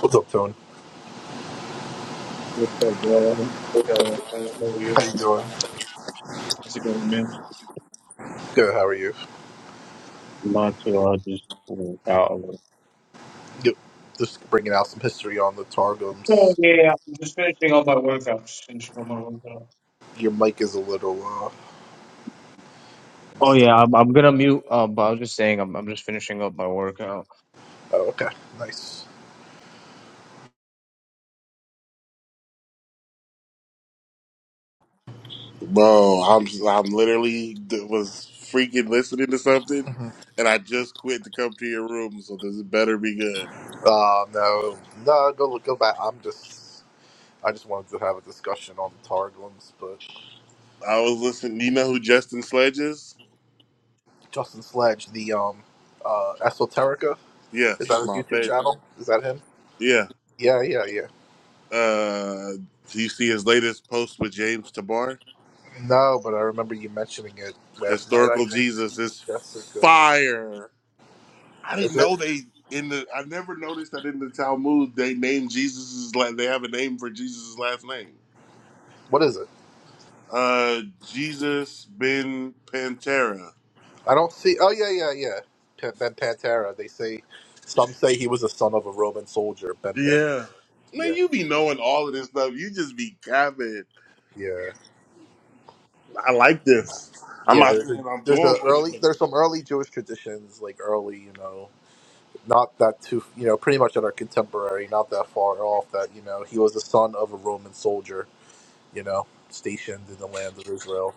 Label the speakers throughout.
Speaker 1: What's up, Tony?
Speaker 2: What's up, y'all? Y'all, how are
Speaker 1: How
Speaker 2: you?
Speaker 1: you doing?
Speaker 2: How's it going, man?
Speaker 1: Good. How are you?
Speaker 2: Not too hard, just you out a little.
Speaker 1: Good. Just bringing out some history on the
Speaker 2: Oh
Speaker 1: Targums.
Speaker 2: yeah, I'm just finishing all my workouts. Finishing all my workouts.
Speaker 1: Your mic is a little uh,
Speaker 2: Oh
Speaker 1: messed up.
Speaker 2: yeah, I'm I'm gonna mute. Um, but I was just saying, I'm I'm just finishing up my workout.
Speaker 1: Oh, okay. Nice.
Speaker 3: Bro, I'm I'm literally d- was freaking listening to something,
Speaker 1: hmm
Speaker 3: and I just quit to come to your room. So this better be good.
Speaker 1: Uh, no, no. Go Go back. I'm just. I just wanted to have a discussion on the Targums, but
Speaker 3: I was listening. You know who Justin Sledge is?
Speaker 1: Justin Sledge, the um, uh, Esoterica, is that
Speaker 3: Yes,
Speaker 1: his
Speaker 3: my
Speaker 1: YouTube
Speaker 3: favorite.
Speaker 1: channel? Is that him?
Speaker 3: Yeah.
Speaker 1: Yeah, yeah, yeah.
Speaker 3: Uh, do you see his latest post with James Tabar?
Speaker 1: No, but I remember you mentioning it last night. I
Speaker 3: Historical
Speaker 1: think
Speaker 3: Jesus is
Speaker 1: Jessica.
Speaker 3: fire. I
Speaker 1: Is
Speaker 3: didn't
Speaker 1: it?
Speaker 3: know they in the. I never noticed that in the Talmud they name Jesus's like they have a name for Jesus's last name.
Speaker 1: What is it?
Speaker 3: Uh, Jesus Ben Pantera.
Speaker 1: I don't see. Oh yeah, yeah, yeah. P- ben Pantera. They say some say he was a son of a Roman soldier. Ben Pantera.
Speaker 3: Yeah.
Speaker 1: Yeah,
Speaker 3: Man, you be knowing all of this stuff. You just be capping.
Speaker 1: yeah,
Speaker 3: I like this. I'm
Speaker 1: yeah.
Speaker 3: not
Speaker 1: There's a,
Speaker 3: saying I'm
Speaker 1: there's a
Speaker 3: going with it,
Speaker 1: early
Speaker 3: but
Speaker 1: there's some early Jewish traditions like early you know not that too you know pretty much that are contemporary not that far off that you know he was the son of a Roman soldier you know stationed in the land of Israel.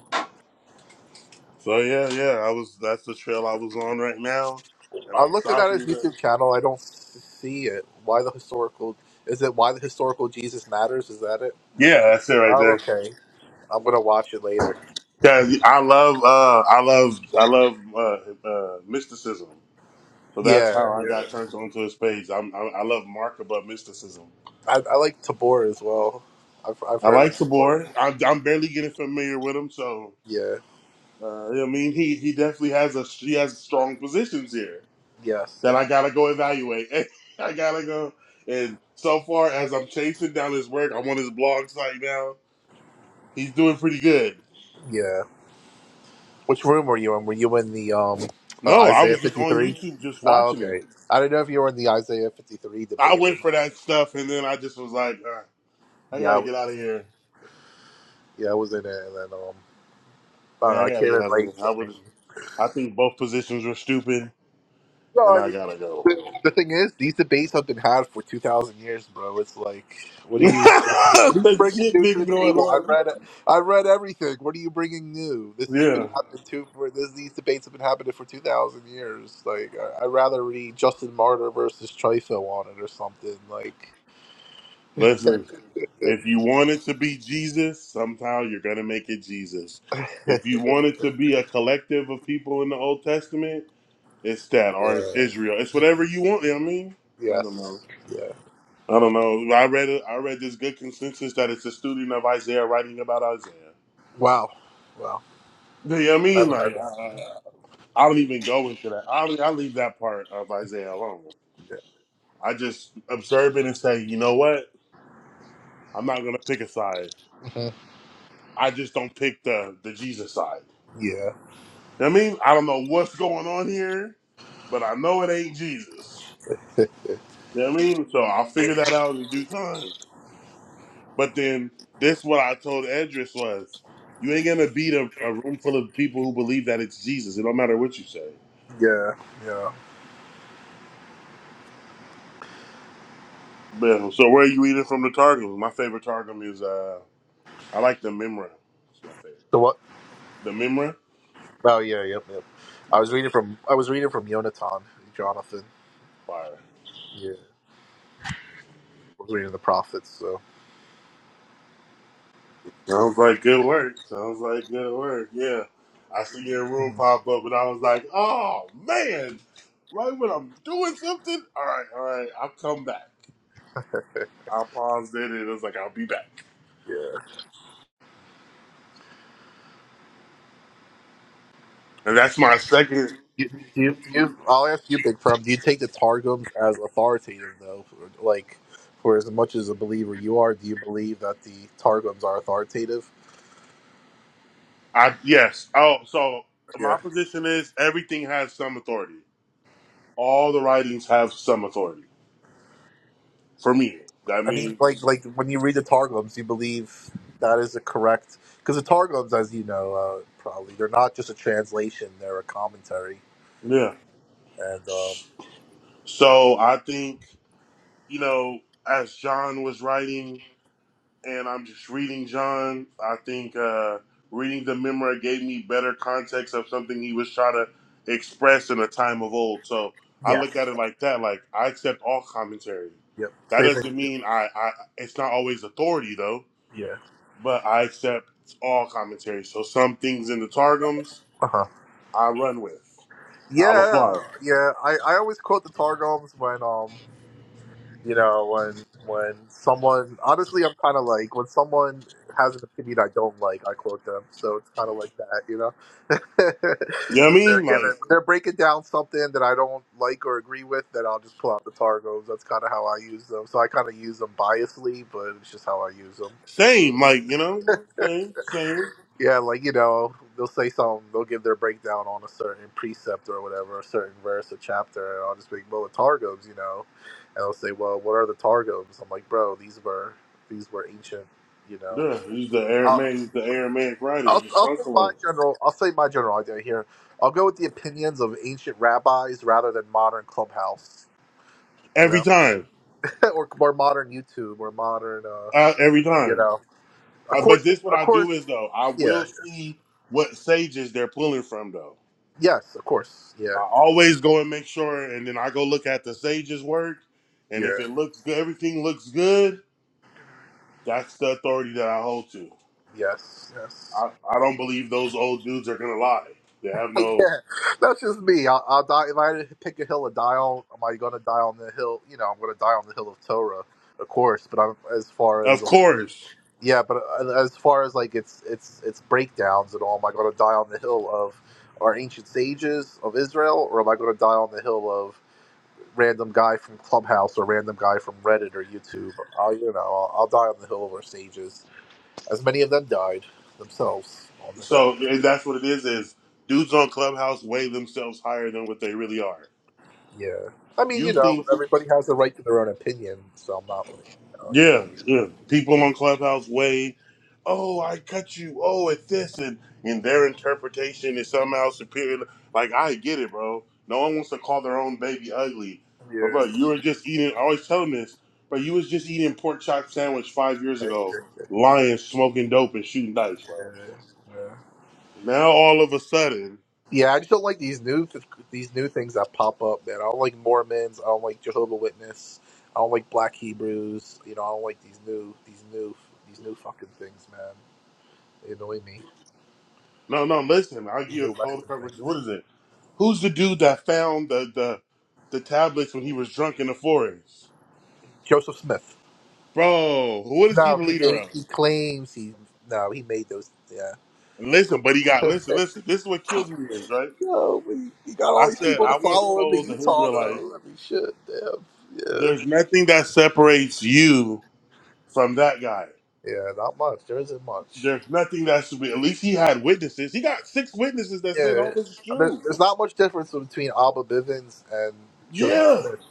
Speaker 3: so yeah, yeah. I was that's the trail I was on right now, and
Speaker 1: I'm
Speaker 3: I'm
Speaker 1: looking at
Speaker 3: stopping.
Speaker 1: his
Speaker 3: It.
Speaker 1: YouTube channel. I don't s- see it. Why the historical? Is it why the historical Jesus matters? Is that it?
Speaker 3: Yeah, that's it right
Speaker 1: Oh,
Speaker 3: there.
Speaker 1: okay. I'm gonna watch it later.
Speaker 3: Cause I love, uh, I love, I love uh, uh, mysticism. So that's
Speaker 1: Yeah,
Speaker 3: how I
Speaker 1: yeah.
Speaker 3: got turned onto his page. I'm, I, I love Mark about mysticism.
Speaker 1: I, I like Tabor as well. I've I've
Speaker 3: I
Speaker 1: heard of
Speaker 3: like
Speaker 1: before.
Speaker 3: Tabor. I'm, I'm barely getting familiar with him, so
Speaker 1: Yeah.
Speaker 3: uh, yeah, I mean, he he definitely has a he has strong positions here.
Speaker 1: Yes.
Speaker 3: that
Speaker 1: Yep.
Speaker 3: I gotta go evaluate. I gotta go. And so far as I'm chasing down his work, I'm on his blog site now. He's doing pretty good.
Speaker 1: Yeah. Which room were you in? Were you in the um uh,
Speaker 3: No, I
Speaker 1: Isaiah
Speaker 3: was just
Speaker 1: fifty
Speaker 3: on
Speaker 1: three?
Speaker 3: YouTube just
Speaker 1: Oh,
Speaker 3: watching it.
Speaker 1: okay. I don't know if you were in the Isaiah fifty three
Speaker 3: I
Speaker 1: debate
Speaker 3: went
Speaker 1: room.
Speaker 3: for that stuff, and then I just was like, "Ah, I
Speaker 1: Yeah. I
Speaker 3: gotta
Speaker 1: was,
Speaker 3: get out of here.
Speaker 1: yeah, I was in it, and then um I don't
Speaker 3: Yeah,
Speaker 1: know.
Speaker 3: I
Speaker 1: I
Speaker 3: gotta
Speaker 1: came
Speaker 3: get
Speaker 1: in
Speaker 3: out of
Speaker 1: late,
Speaker 3: here. I
Speaker 1: so
Speaker 3: would.
Speaker 1: maybe.
Speaker 3: I think both positions were stupid,
Speaker 1: No,
Speaker 3: and
Speaker 1: I
Speaker 3: I
Speaker 1: mean, like,
Speaker 3: gotta
Speaker 1: the,
Speaker 3: go.
Speaker 1: the thing is, these debates have been had for two thousand years, bro. It's like, what are you, what are you
Speaker 3: That
Speaker 1: bringing
Speaker 3: Shit
Speaker 1: new to
Speaker 3: been
Speaker 1: the
Speaker 3: going
Speaker 1: table? I
Speaker 3: on.
Speaker 1: read, I read everything. What are you bringing new? This has been
Speaker 3: Yeah.
Speaker 1: happening too for this. These debates have been happening for two thousand years. Like, I, I'd rather read Justin Martyr versus Trifo on it or something. Like,
Speaker 3: Listen,
Speaker 1: yeah,
Speaker 3: if you want it to be Jesus, somehow you're going to make it Jesus. If you want it to be a collective of people in the Old Testament, it's that or it's Israel. It's whatever you want. You know what I mean, I don't know.
Speaker 1: yes, yeah.
Speaker 3: I don't know. I read it. I read this good consensus that it's a student of Isaiah writing about Isaiah.
Speaker 1: Wow, wow.
Speaker 3: You know what I
Speaker 1: I
Speaker 3: mean?
Speaker 1: haven't heard
Speaker 3: Like
Speaker 1: that.
Speaker 3: I, I don't even go into that. I I leave that part of Isaiah alone. I just observe it and say, you know what? I'm not gonna pick a side.
Speaker 1: Yeah,
Speaker 3: I just don't pick the the Jesus side.
Speaker 1: yeah,
Speaker 3: You know what I mean? I don't know what's going on here, but I know it ain't Jesus.
Speaker 1: yeah,
Speaker 3: You know what I mean? So I'll figure that out in due time. But then this what I told Edris was you ain't gonna beat a, a room full of people who believe that it's Jesus. It don't matter what you say.
Speaker 1: yeah. yeah.
Speaker 3: But, so where are you eating from the Targum? My favorite Targum is uh I like the Mimra. It's my favorite.
Speaker 1: So what?
Speaker 3: The Mimra?
Speaker 1: Oh yeah, yep, yep. I was reading from I was reading from Yonatan, Jonathan.
Speaker 3: Fire.
Speaker 1: Yeah, I was reading the prophets. So
Speaker 3: Sounds like good work. Sounds like good work. Yeah. I see your room
Speaker 1: Mhm.
Speaker 3: pop up and I was like, oh man, right when I'm doing something. All right, all right, I'll come back. I paused it and it was like, I'll be back.
Speaker 1: yeah.
Speaker 3: And that's my second.
Speaker 1: You, do you, do you, I'll ask you, Big Prom. Do you take the Targums as authoritative though? Like, for as much as a believer you are, do you believe that the Targums are authoritative?
Speaker 3: I Yes. Oh, so
Speaker 1: Yeah,
Speaker 3: my position is everything has some authority. All the writings have some authority for me. That
Speaker 1: I mean, like,
Speaker 3: means,
Speaker 1: like when you read the Targums, you believe that is the correct because the Targums, as you know, uh, probably they're not just a translation; they're a commentary.
Speaker 3: yeah.
Speaker 1: And um,
Speaker 3: So I think, you know, as John was writing, and I'm just reading John. I think uh, reading the memoir gave me better context of something he was trying to express in a time of old. So I
Speaker 1: yeah,
Speaker 3: look at it like that. Like I accept all commentary.
Speaker 1: yep,
Speaker 3: That
Speaker 1: same thing.
Speaker 3: doesn't mean I. I it's not always authority though,
Speaker 1: Yeah.
Speaker 3: but I accept all commentary. So some things in the targums
Speaker 1: Uh-huh.
Speaker 3: I run with. I'll
Speaker 1: Yeah,
Speaker 3: apply. it.
Speaker 1: yeah. I, I always quote the Targums when um you know when when someone honestly I'm kind of like when someone has an opinion I don't like I quote them so it's kind of like that you know
Speaker 3: You know what I
Speaker 1: when they're
Speaker 3: mean? Like
Speaker 1: giving when they're breaking down something that I don't like or agree with then I'll just pull out the Targums that's kind of how I use them so I kind of use them biasly but it's just how I use them
Speaker 3: same. Like you know, same, same.
Speaker 1: Yeah, like you know, they'll say something, they'll give their breakdown on a certain precept or whatever, a certain verse or chapter, and I'll just be like, well, the targums, you know, and i will say, well, what are the targums? I'm like, bro, these were these were ancient, you know.
Speaker 3: Yeah, he's the
Speaker 1: I'll,
Speaker 3: Aramaic, he's the Aramaic
Speaker 1: I'll
Speaker 3: writing, just
Speaker 1: I'll say my
Speaker 3: uncle.
Speaker 1: general, I'll say my general idea here. I'll go with the opinions of ancient rabbis rather than modern clubhouse, you
Speaker 3: Every
Speaker 1: know,
Speaker 3: time,
Speaker 1: or or modern YouTube or modern, uh,
Speaker 3: uh, every
Speaker 1: you
Speaker 3: time.
Speaker 1: know. Of
Speaker 3: Uh, but
Speaker 1: course, we,
Speaker 3: this what
Speaker 1: of
Speaker 3: I
Speaker 1: course,
Speaker 3: do is though I
Speaker 1: yeah,
Speaker 3: will see what sages they're pulling from though.
Speaker 1: yes, of course, yeah,
Speaker 3: I always go and make sure, and then I go look at the sages' work, and
Speaker 1: yeah.
Speaker 3: if it looks good, everything looks good. That's the authority that I hold to.
Speaker 1: Yes, yes.
Speaker 3: I, I don't believe those old dudes are gonna lie. They have no,
Speaker 1: Yeah, that's just me. I'll, I'll die if I had to pick a hill to die on. Am I going to die on the hill? You know, I'm going to die on the hill of Torah, of course. But I'm as far as
Speaker 3: of
Speaker 1: um,
Speaker 3: course.
Speaker 1: yeah, but uh, as far as like its its its breakdowns and all, am I going to die on the hill of our ancient sages of Israel, or am I going to die on the hill of random guy from Clubhouse or random guy from Reddit or YouTube? I'll you know I'll, I'll die on the hill of our sages, as many of them died themselves on the hill.
Speaker 3: So and that's what it is. Is dudes on Clubhouse weigh themselves higher than what they really are.
Speaker 1: Yeah. I mean, you
Speaker 3: You
Speaker 1: know,
Speaker 3: think
Speaker 1: everybody has a right to their own opinion, so I'm not really, you know,
Speaker 3: Yeah, yeah. People on Clubhouse way, oh, I cut you. Oh, it's this, and and their interpretation is somehow superior. Like I get it, bro. No one wants to call their own baby ugly, but bro,
Speaker 1: against
Speaker 3: you were just eating. I always tell them this, but you was just eating pork chop sandwich five years
Speaker 1: it.
Speaker 3: ago,
Speaker 1: Yeah.
Speaker 3: lying, smoking dope, and shooting dice, bro.
Speaker 1: yeah. Yeah.
Speaker 3: Now all of a sudden,
Speaker 1: Yeah, I just don't like these new these new things that pop up, man. I don't like Mormons. I don't like Jehovah Witness. I don't like Black Hebrews. You know, I don't like these new these new these new fucking things, man. They annoy me.
Speaker 3: no, no. Listen, I will give
Speaker 1: These
Speaker 3: you a
Speaker 1: new
Speaker 3: call to
Speaker 1: Western
Speaker 3: coverage.
Speaker 1: things.
Speaker 3: What is it? Who's the dude that found the the the tablets when he was drunk in the forest?
Speaker 1: Joseph Smith.
Speaker 3: Bro, what is he
Speaker 1: No,
Speaker 3: the
Speaker 1: he
Speaker 3: leader
Speaker 1: made
Speaker 3: of?
Speaker 1: he claims he no he made those.
Speaker 3: listen, but he got listen, listen, this is what kills me is, right?
Speaker 1: No, we, you got all
Speaker 3: I
Speaker 1: these
Speaker 3: said
Speaker 1: people to
Speaker 3: I once
Speaker 1: follow in the
Speaker 3: told the
Speaker 1: Utah
Speaker 3: Israelite,
Speaker 1: though. I mean, shit, damn, yeah,
Speaker 3: there's nothing that separates you from that guy.
Speaker 1: yeah, not much. There isn't much.
Speaker 3: There's nothing that should be at least he had witnesses. He got six witnesses that said all
Speaker 1: Yeah,
Speaker 3: this is
Speaker 1: there,
Speaker 3: true.
Speaker 1: there's not much difference between Alba Bivens and Joseph
Speaker 3: Yeah.
Speaker 1: Smith.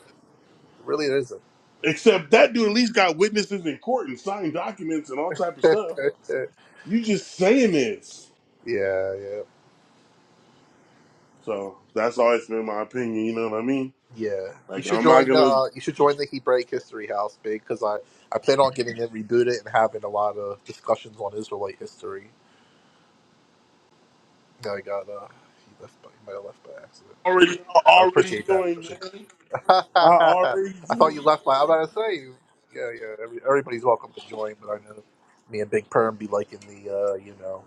Speaker 1: Really, there really
Speaker 3: Except that dude at least got witnesses in court and signed documents and all type of stuff.
Speaker 1: isn't.
Speaker 3: You just saying this.
Speaker 1: yeah, yeah,
Speaker 3: So that's always been my opinion, you know what I mean?
Speaker 1: yeah. You
Speaker 3: Like
Speaker 1: should
Speaker 3: I'm not
Speaker 1: join the
Speaker 3: gonna
Speaker 1: uh, you should join the Hebraic History House, big, because I I plan on getting it rebooted and having a lot of discussions on Israelite history. No, I got uh, he left by he might have left by accident.
Speaker 3: already
Speaker 1: I
Speaker 3: already
Speaker 1: appreciate that.
Speaker 3: joined, man. I already
Speaker 1: I thought
Speaker 3: do.
Speaker 1: you left my. I'm about to say, yeah, yeah. Every, everybody's welcome to join, but I know me and Big Perm be liking the, uh, you know,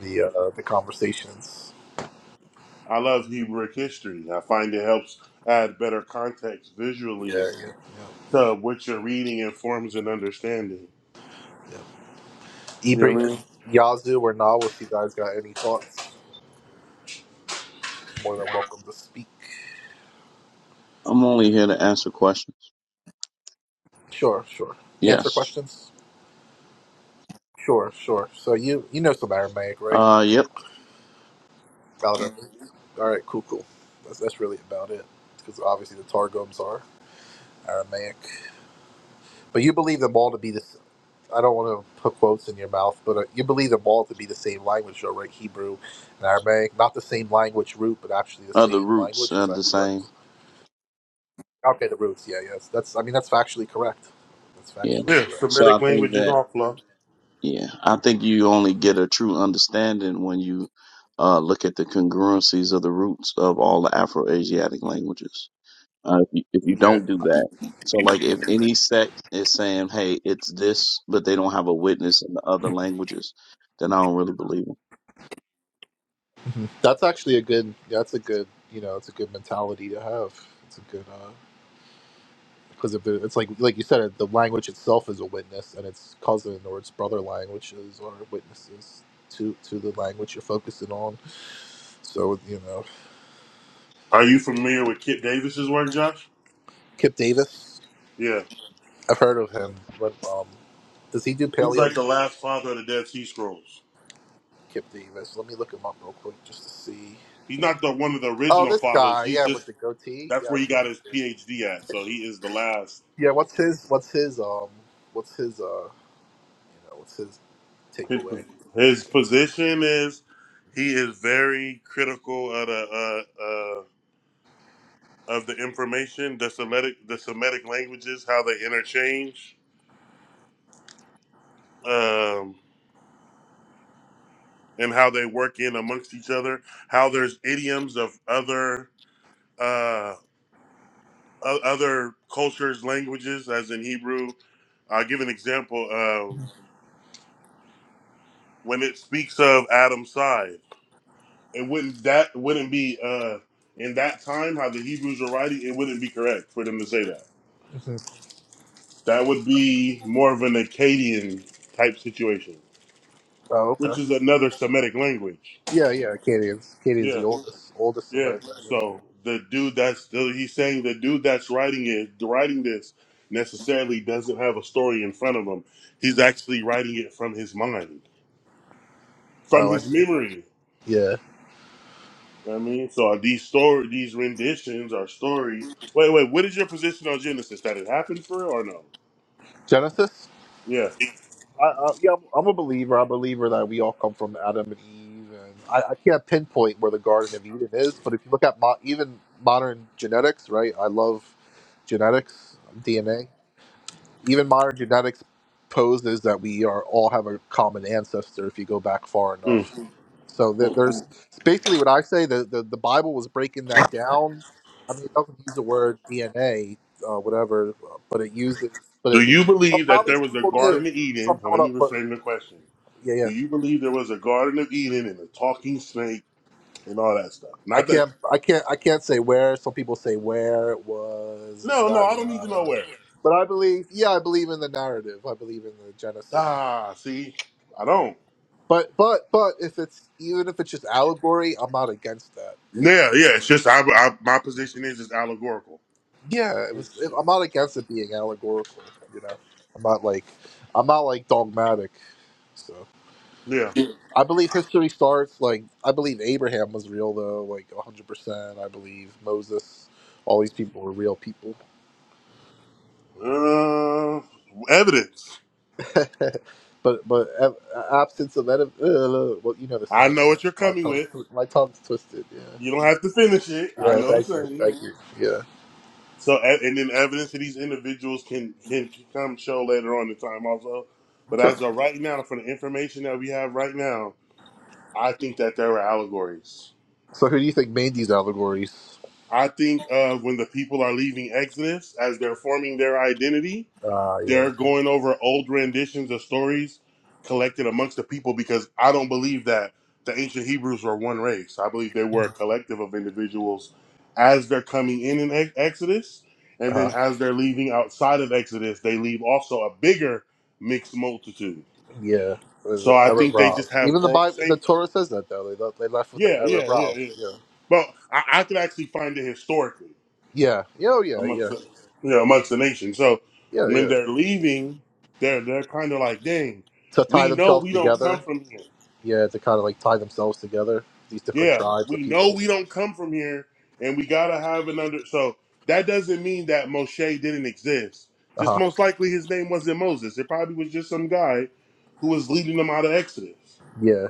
Speaker 1: the uh, the conversations.
Speaker 3: I love Hebrew history. I find it helps add better context
Speaker 1: Yeah,
Speaker 3: visually
Speaker 1: yeah,
Speaker 3: to what you're reading and forms an understanding.
Speaker 1: yeah, yeah.
Speaker 3: You know
Speaker 1: Ibri,
Speaker 3: what I mean?
Speaker 1: Yazoo, or Nawis, you guys got any thoughts? More than welcome to speak.
Speaker 4: I'm only here to answer questions.
Speaker 1: Sure, sure. Answer
Speaker 4: Yes.
Speaker 1: questions. Sure, sure. So you you know some Aramaic, right?
Speaker 4: Uh, yep.
Speaker 1: About it. All right, cool, cool. That's that's really about it. Because obviously the Targums are Aramaic, but you believe them all to be this. I don't want to put quotes in your mouth, but uh, you believe them all to be the same language, though, right? Hebrew and Aramaic, not the same language root, but actually the
Speaker 4: Uh, the
Speaker 1: same
Speaker 4: roots
Speaker 1: language. Is
Speaker 4: are
Speaker 1: that
Speaker 4: the same.
Speaker 1: correct? Okay, the roots. Yeah, yes. That's. I mean, that's factually correct. That's
Speaker 4: Yeah.
Speaker 1: factually
Speaker 3: Yeah,
Speaker 1: correct.
Speaker 4: So I
Speaker 3: Semitic
Speaker 4: think
Speaker 3: languages
Speaker 4: that,
Speaker 3: all flow.
Speaker 4: yeah, I think you only get a true understanding when you, uh, look at the congruencies of the roots of all the Afro-Asiatic languages. Uh, if you, if you
Speaker 1: Yeah.
Speaker 4: don't do that, so like if any sect is saying, hey, it's this, but they don't have a witness in the other languages, then I don't really believe 'em.
Speaker 1: hmm That's actually a good. yeah, That's a good. You know, it's a good mentality to have. It's a good. uh because if it, it's like like you said, uh, the language itself is a witness, and its cousin or its brother languages are witnesses to to the language you're focusing on. So you know,
Speaker 3: Are you familiar with Kip Davis's work, Josh?
Speaker 1: Kip Davis.
Speaker 3: Yeah.
Speaker 1: I've heard of him, but um, does he do
Speaker 3: He's like
Speaker 1: paleo?
Speaker 3: the last father of the Dead Sea Scrolls.
Speaker 1: Kip Davis. Let me look him up real quick just to see.
Speaker 3: He's not the one of the
Speaker 1: Oh,
Speaker 3: original
Speaker 1: this
Speaker 3: fathers.
Speaker 1: guy,
Speaker 3: He's
Speaker 1: yeah, with
Speaker 3: just
Speaker 1: the goatee.
Speaker 3: that's
Speaker 1: Yeah, I
Speaker 3: where he
Speaker 1: see.
Speaker 3: got his PhD at. So he is the last.
Speaker 1: Yeah, what's his? What's his? Um, what's his? Uh, you know, what's his
Speaker 3: His
Speaker 1: takeaway?
Speaker 3: his position is he is very critical of the uh, uh, of the information, the Semitic, the Semitic languages, how they interchange, um, and how they work in amongst each other. How there's idioms of other uh, o- other cultures, languages, as in Hebrew. I'll give an example. Um, when it speaks of Adam's side, it wouldn't that wouldn't be uh, in that time how the Hebrews are writing. It wouldn't be correct for them to say that.
Speaker 1: hmm
Speaker 3: That would be more of an Akkadian type situation.
Speaker 1: Oh,
Speaker 3: which
Speaker 1: okay.
Speaker 3: is another Semitic language.
Speaker 1: Yeah, yeah. Acadians. Acadians the
Speaker 3: Yeah,
Speaker 1: oldest, oldest
Speaker 3: yeah.
Speaker 1: Semitic language.
Speaker 3: So the dude that's the, he's saying the dude that's writing it, writing this, necessarily doesn't have a story in front of him. He's actually writing it from his mind, from
Speaker 1: Oh, I
Speaker 3: his
Speaker 1: see.
Speaker 3: memory.
Speaker 1: Yeah.
Speaker 3: You know what I mean, so these story, these renditions are stories. Wait, wait. What is your position on Genesis? That it happened for real or no?
Speaker 1: Genesis.
Speaker 3: Yeah.
Speaker 1: I, I, yeah, I'm I'm a believer. I believe that we all come from Adam and Eve, and I, I can't pinpoint where the Garden of Eden is. But if you look at mo- even modern genetics, right? I love genetics, DNA. Even modern genetics poses that we are all have a common ancestor if you go back far
Speaker 3: Mm,
Speaker 1: enough. So there,
Speaker 3: mm.
Speaker 1: there's it's basically what I say. The, the the Bible was breaking that down. I mean, it doesn't use the word DNA, uh, whatever, but it uses. But
Speaker 3: Do
Speaker 1: it,
Speaker 3: you believe
Speaker 1: somehow
Speaker 3: that there
Speaker 1: these
Speaker 3: was a
Speaker 1: people knew
Speaker 3: Garden of Eden? Now,
Speaker 1: somehow it
Speaker 3: let me
Speaker 1: up.
Speaker 3: reframe the question.
Speaker 1: Yeah, yeah.
Speaker 3: Do you believe there was a Garden of Eden and a talking snake? and all that stuff.
Speaker 1: I
Speaker 3: Not that
Speaker 1: can't, I can't, I can't say where. Some people say where it was, and
Speaker 3: no, no,
Speaker 1: yada
Speaker 3: I don't need to know
Speaker 1: yada.
Speaker 3: where.
Speaker 1: But I believe, yeah, I believe in the narrative. I believe in the Genesis.
Speaker 3: Ah, see, I don't.
Speaker 1: But, but, but if it's even if it's just allegory, I'm not against that.
Speaker 3: Yeah, yeah. It's just I, I my position is just allegorical.
Speaker 1: Yeah, it was. It, I'm not against it being allegorical. You know, I'm not like, I'm not like dogmatic. So
Speaker 3: Yeah.
Speaker 1: I believe history starts like I believe Abraham was real though, like 100. percent I believe Moses. All these people were real people.
Speaker 3: Uh, evidence.
Speaker 1: but but ab- absence of edif- uh, well, you know the
Speaker 3: I
Speaker 1: saying.
Speaker 3: know
Speaker 1: right?
Speaker 3: what you're
Speaker 1: My
Speaker 3: coming
Speaker 1: tongue,
Speaker 3: with.
Speaker 1: my tongue's twisted. Yeah.
Speaker 3: You don't have to finish it. I
Speaker 1: Yeah.
Speaker 3: know the
Speaker 1: Thank you.
Speaker 3: same.
Speaker 1: Thank you. Yeah.
Speaker 3: So e- and then evidence that these individuals can can come show later on in time also. But
Speaker 1: Sure.
Speaker 3: as of right now, for the information that we have right now, I think that there were allegories.
Speaker 1: So who do you think made these allegories?
Speaker 3: I think uh, when the people are leaving Exodus, as they're forming their identity,
Speaker 1: Uh yeah.
Speaker 3: they're going over old renditions of stories collected amongst the people because I don't believe that the ancient Hebrews were one race. I believe they were a collective of individuals as they're coming in in Ex- Exodus. And then
Speaker 1: Uh
Speaker 3: as they're leaving outside of Exodus, they leave also a bigger mixed multitude.
Speaker 1: yeah.
Speaker 3: So
Speaker 1: The
Speaker 3: I
Speaker 1: error
Speaker 3: think they
Speaker 1: Rav.
Speaker 3: just have
Speaker 1: Even the
Speaker 3: or-
Speaker 1: Bible, the
Speaker 3: same.
Speaker 1: Torah says that though. They left, they left with an
Speaker 3: Yeah,
Speaker 1: Arab of
Speaker 3: yeah,
Speaker 1: Rav.
Speaker 3: yeah, yeah.
Speaker 1: Yeah.
Speaker 3: But I, I could actually find it historically.
Speaker 1: Yeah. Yeah. Oh, yeah.
Speaker 3: amongst
Speaker 1: Yeah.
Speaker 3: the yeah amongst the nation. So
Speaker 1: Yeah.
Speaker 3: when
Speaker 1: Yeah.
Speaker 3: they're leaving, they're they're kind of like, dang,
Speaker 1: To tie
Speaker 3: we know
Speaker 1: themselves
Speaker 3: we don't come
Speaker 1: together.
Speaker 3: from here.
Speaker 1: Yeah. To kind of like tie themselves together. These different
Speaker 3: Yeah,
Speaker 1: tribes of
Speaker 3: we know
Speaker 1: people.
Speaker 3: we don't come from here, and we gotta have an under. So that doesn't mean that Moshe didn't exist.
Speaker 1: Uh
Speaker 3: Just
Speaker 1: huh.
Speaker 3: most likely his name wasn't Moses. It probably was just some guy who was leading them out of Exodus.
Speaker 1: Yeah.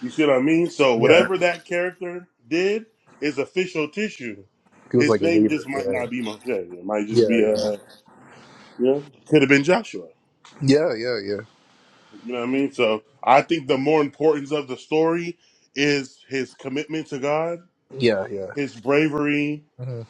Speaker 3: You see what I mean? So
Speaker 1: Yeah.
Speaker 3: whatever that character did is official tissue.
Speaker 1: He was like
Speaker 3: His
Speaker 1: a
Speaker 3: name
Speaker 1: leader.
Speaker 3: just might
Speaker 1: Yeah.
Speaker 3: not be Moshe. It might just be
Speaker 1: Yeah. Yeah.
Speaker 3: a you know could have been Joshua.
Speaker 1: Yeah, yeah, yeah,
Speaker 3: You know what I mean? So I think the more importance of the story is his commitment to God,
Speaker 1: yeah, yeah.
Speaker 3: his bravery.
Speaker 1: hmm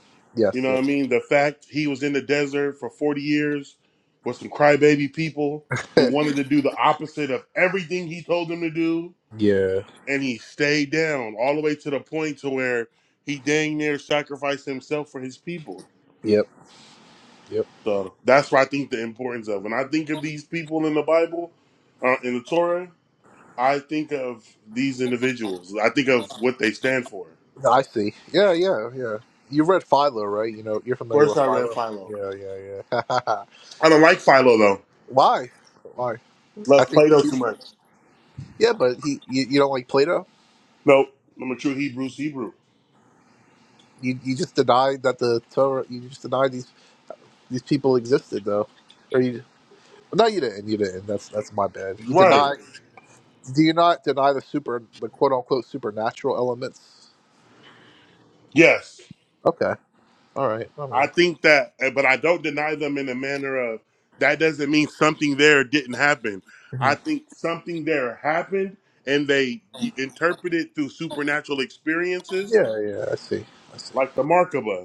Speaker 3: You
Speaker 1: Yes,
Speaker 3: know what I
Speaker 1: yep.
Speaker 3: mean? The fact he was in the desert for 40 years with some crybaby people who wanted to do the opposite of everything he told them to do.
Speaker 1: yeah,
Speaker 3: And he stayed down all the way to the point to where he dang near sacrificed himself for his people.
Speaker 1: yep, yep.
Speaker 3: So that's what I think the importance of. And I think of these people in the Bible, uh, in the Torah. I think of these individuals. I think of what they stand for. Of
Speaker 1: I see. Yeah, yeah, yeah. You read Philo, right? You know, you're familiar
Speaker 3: course,
Speaker 1: with
Speaker 3: I read
Speaker 1: Philo.
Speaker 3: Philo.
Speaker 1: Yeah, yeah, yeah.
Speaker 3: I don't like Philo though.
Speaker 1: Why? Why? I
Speaker 3: Love
Speaker 1: think.
Speaker 3: Plato
Speaker 1: You,
Speaker 3: too much.
Speaker 1: yeah, but he. You, you don't like Plato.
Speaker 3: Nope. I'm a true Hebrews Hebrew.
Speaker 1: You you just denied that the Torah. You just denied these these people existed, though. Or you? No, you didn't. You didn't. That's that's my bad. You
Speaker 3: Right.
Speaker 1: deny. Do you not deny the super, the quote unquote supernatural elements?
Speaker 3: Yes.
Speaker 1: Okay. All right. I
Speaker 3: I
Speaker 1: mean.
Speaker 3: think that, but I don't deny them in a manner of that doesn't mean something there didn't happen. I think something there happened and they interpreted through supernatural experiences
Speaker 1: Yeah, yeah, I see. I see.
Speaker 3: like the Markaba.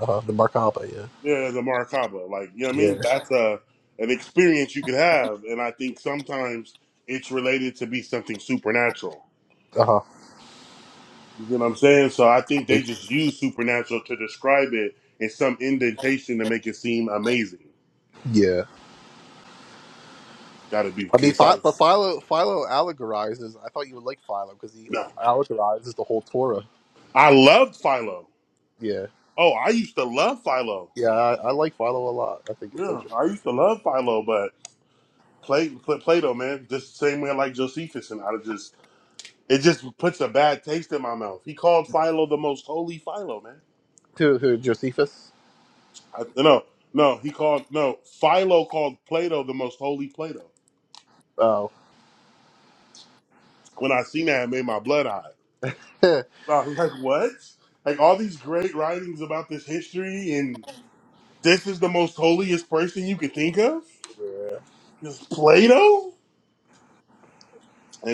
Speaker 1: Uh-huh. The Merkaba, yeah.
Speaker 3: Yeah, the Maracaba. Like, you know what I mean?
Speaker 1: Yeah.
Speaker 3: That's a an experience you could have. And I think sometimes it's related to be something supernatural.
Speaker 1: Uh-huh.
Speaker 3: You know what I'm saying? So I think they just use supernatural to describe it in some indentation to make it seem amazing.
Speaker 1: Yeah.
Speaker 3: Gotta be
Speaker 1: I mean, Phi- but
Speaker 3: concise.
Speaker 1: Philo, Philo allegorizes. I thought you would like Philo because he
Speaker 3: No.
Speaker 1: allegorizes the whole Torah.
Speaker 3: I loved Philo.
Speaker 1: Yeah.
Speaker 3: Oh, I used to love Philo.
Speaker 1: Yeah, I, I like Philo a lot. I think it's
Speaker 3: Yeah,
Speaker 1: interesting.
Speaker 3: I used to love Philo, but play, play Plato, man, just the same way I like Josephus, and I just it just puts a bad taste in my mouth. He called Philo the most holy Philo, man.
Speaker 1: Who, who Josephus?
Speaker 3: I, no, no, he called no. Philo called Plato the most holy Plato.
Speaker 1: Oh.
Speaker 3: When I seen that, it made my blood high.
Speaker 1: yeah.
Speaker 3: I was like, what? Like all these great writings about this history, and this is the most holiest person you could think of. This Plato,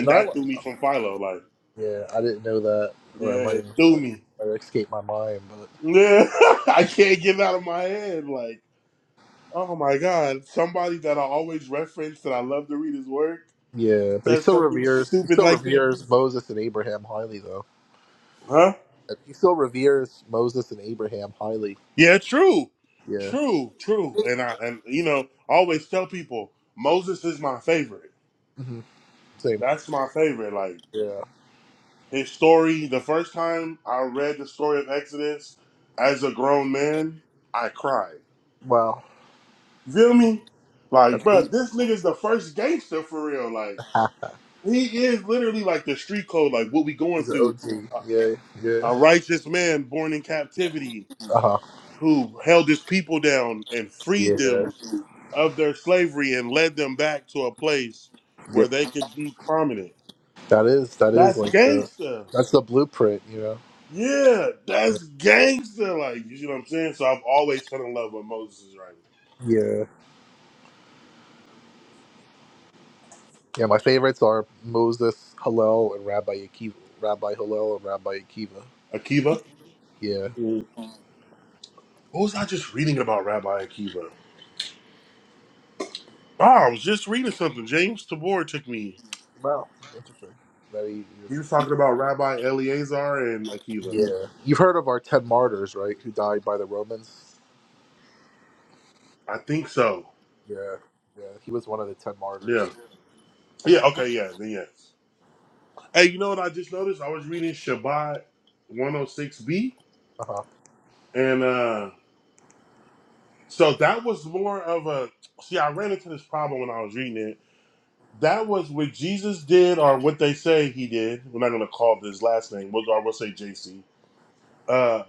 Speaker 1: And I,
Speaker 3: that
Speaker 1: li-
Speaker 3: threw me from Philo. Like,
Speaker 1: yeah, I didn't know that, or I
Speaker 3: yeah,
Speaker 1: might have
Speaker 3: it threw
Speaker 1: I-
Speaker 3: me.
Speaker 1: I escaped my mind, but.
Speaker 3: Yeah, I can't get it out of my head. Like, oh my god, somebody that I always reference that I love to read his work
Speaker 1: Yeah, but he
Speaker 3: says
Speaker 1: still
Speaker 3: something
Speaker 1: reveres he
Speaker 3: stupid
Speaker 1: still
Speaker 3: like this,
Speaker 1: reveres Moses and Abraham highly though.
Speaker 3: huh?
Speaker 1: He still reveres Moses and Abraham highly.
Speaker 3: Yeah, true,
Speaker 1: Yeah.
Speaker 3: true, true. And I and you know I always tell people Moses is my favorite.
Speaker 1: hmm Same.
Speaker 3: That's my favorite. Like
Speaker 1: Yeah.
Speaker 3: his story. The first time I read the story of Exodus as a grown man, I cried.
Speaker 1: Wow.
Speaker 3: Feel me? Like,
Speaker 1: That's
Speaker 3: bruh,
Speaker 1: deep.
Speaker 3: this nigga's the first gangster for real. Like, he is literally like the street code. Like what we going
Speaker 1: He's an
Speaker 3: through.
Speaker 1: OG. Yeah. Yeah.
Speaker 3: A, a righteous man born in captivity
Speaker 1: Uh huh.
Speaker 3: who held his people down and
Speaker 1: Yeah.
Speaker 3: freed them of their slavery and led them back to a place where
Speaker 1: Yep.
Speaker 3: they could be prominent.
Speaker 1: That is. That is
Speaker 3: That's
Speaker 1: like the.
Speaker 3: gangster.
Speaker 1: That's the blueprint. You know.
Speaker 3: Yeah,
Speaker 1: Yeah.
Speaker 3: that's gangster. Like, you see what I'm saying? So I've always fell in love with Moses' writing.
Speaker 1: Yeah. Yeah, My favorites are Moses Hillel and Rabbi Akiva. Rabbi Hillel and Rabbi Akiva.
Speaker 3: Akiva?
Speaker 1: Yeah.
Speaker 3: Mhm. What was I just reading about Rabbi Akiva? Oh, I was just reading something. James Tabor took me.
Speaker 1: Wow. Interesting. Very.
Speaker 3: He was talking about Rabbi Eleazar and Akiva.
Speaker 1: Yeah. You've heard of our ten martyrs, right? Who died by the Romans.
Speaker 3: I think so.
Speaker 1: Yeah. Yeah. He was one of the ten martyrs.
Speaker 3: Yeah. Yeah, okay, yeah, then yes. Hey, you know what I just noticed? I was reading Shabbat 106b,
Speaker 1: Uh
Speaker 3: and uh So that was more of a see. I ran into this problem when I was reading it. That was what Jesus did, or what they say he did. We're not going to call his last name. We'll, or we'll say JC. Uh,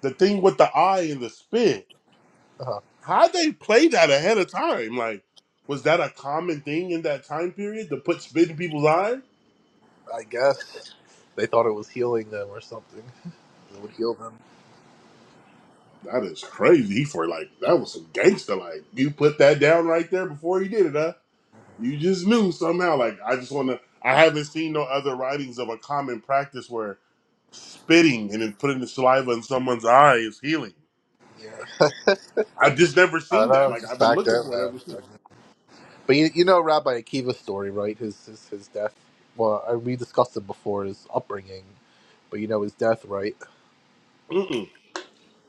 Speaker 3: the thing with the eye and the spit.
Speaker 1: huh.
Speaker 3: How they play that ahead of time? Like, was that a common thing in that time period to put spit in people's eye?
Speaker 1: I guess they thought it was healing them or something. It would heal them.
Speaker 3: That is crazy. He for like that was some gangster. Like you put that down right there before he did it, huh? You just knew somehow. Like I just want to. I haven't seen no other writings of a common practice where spitting and then putting the saliva in someone's eye is healing.
Speaker 1: Yeah.
Speaker 3: I've just never
Speaker 1: I don't
Speaker 3: seen
Speaker 1: know.
Speaker 3: that.
Speaker 1: It's
Speaker 3: Like
Speaker 1: Just
Speaker 3: I've been
Speaker 1: back
Speaker 3: looking
Speaker 1: then,
Speaker 3: for it
Speaker 1: man.
Speaker 3: ever since.
Speaker 1: But you, you know Rabbi Akiva's story, right? His, his his death. Well, I, we discussed it before. His upbringing, but you know his death, right?
Speaker 3: Mm-mm.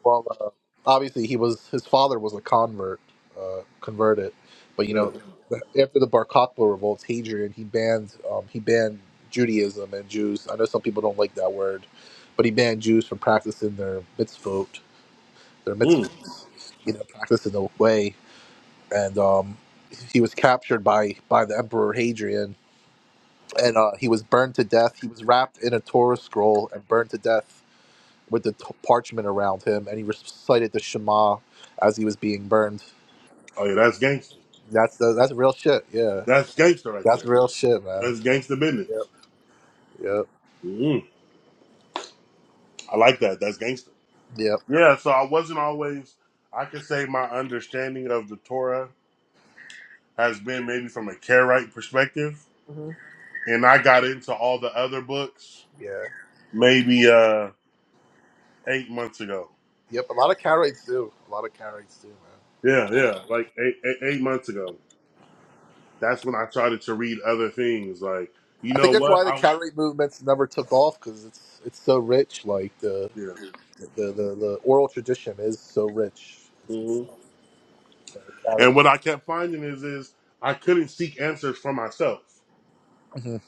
Speaker 1: Well, uh, obviously he was his father was a convert, uh, converted. But you
Speaker 3: Yeah.
Speaker 1: know, after the Bar Kokhba revolts, Hadrian he banned um, he banned Judaism and Jews. I know some people don't like that word, but he banned Jews from practicing their mitzvot their mitzvah,
Speaker 3: Mm.
Speaker 1: you know, practice in a way. And um, he was captured by by the emperor Hadrian, and uh, he was burned to death. He was wrapped in a Torah scroll and burned to death with the t- parchment around him, and he recited the Shema as he was being burned.
Speaker 3: Oh yeah, that's gangster.
Speaker 1: That's the, that's real shit. Yeah,
Speaker 3: That's gangster right
Speaker 1: that's
Speaker 3: there.
Speaker 1: real shit, man.
Speaker 3: That's gangster business.
Speaker 1: Yep, yep,
Speaker 3: Mm. I like that. That's gangster.
Speaker 1: yep.
Speaker 3: Yeah. So I wasn't always. I could say my understanding of the Torah has been maybe from a Karite perspective,
Speaker 1: hmm
Speaker 3: and I got into all the other books.
Speaker 1: Yeah,
Speaker 3: Maybe. uh eight months ago.
Speaker 1: yep. A lot of carrots do. A lot of carrots do, man.
Speaker 3: Yeah, yeah, like eight, eight, eight months ago. That's when I started to read other things. Like, you
Speaker 1: I think
Speaker 3: know
Speaker 1: that's why
Speaker 3: what?
Speaker 1: the
Speaker 3: I
Speaker 1: carrot movements never took off because it's it's so rich. Like the
Speaker 3: yeah.
Speaker 1: the, the, the oral tradition is so rich. It's, it's,
Speaker 3: hmm
Speaker 1: you know, it
Speaker 3: And
Speaker 1: carries
Speaker 3: what I kept finding is, is I couldn't seek answers for myself.
Speaker 1: Mhm.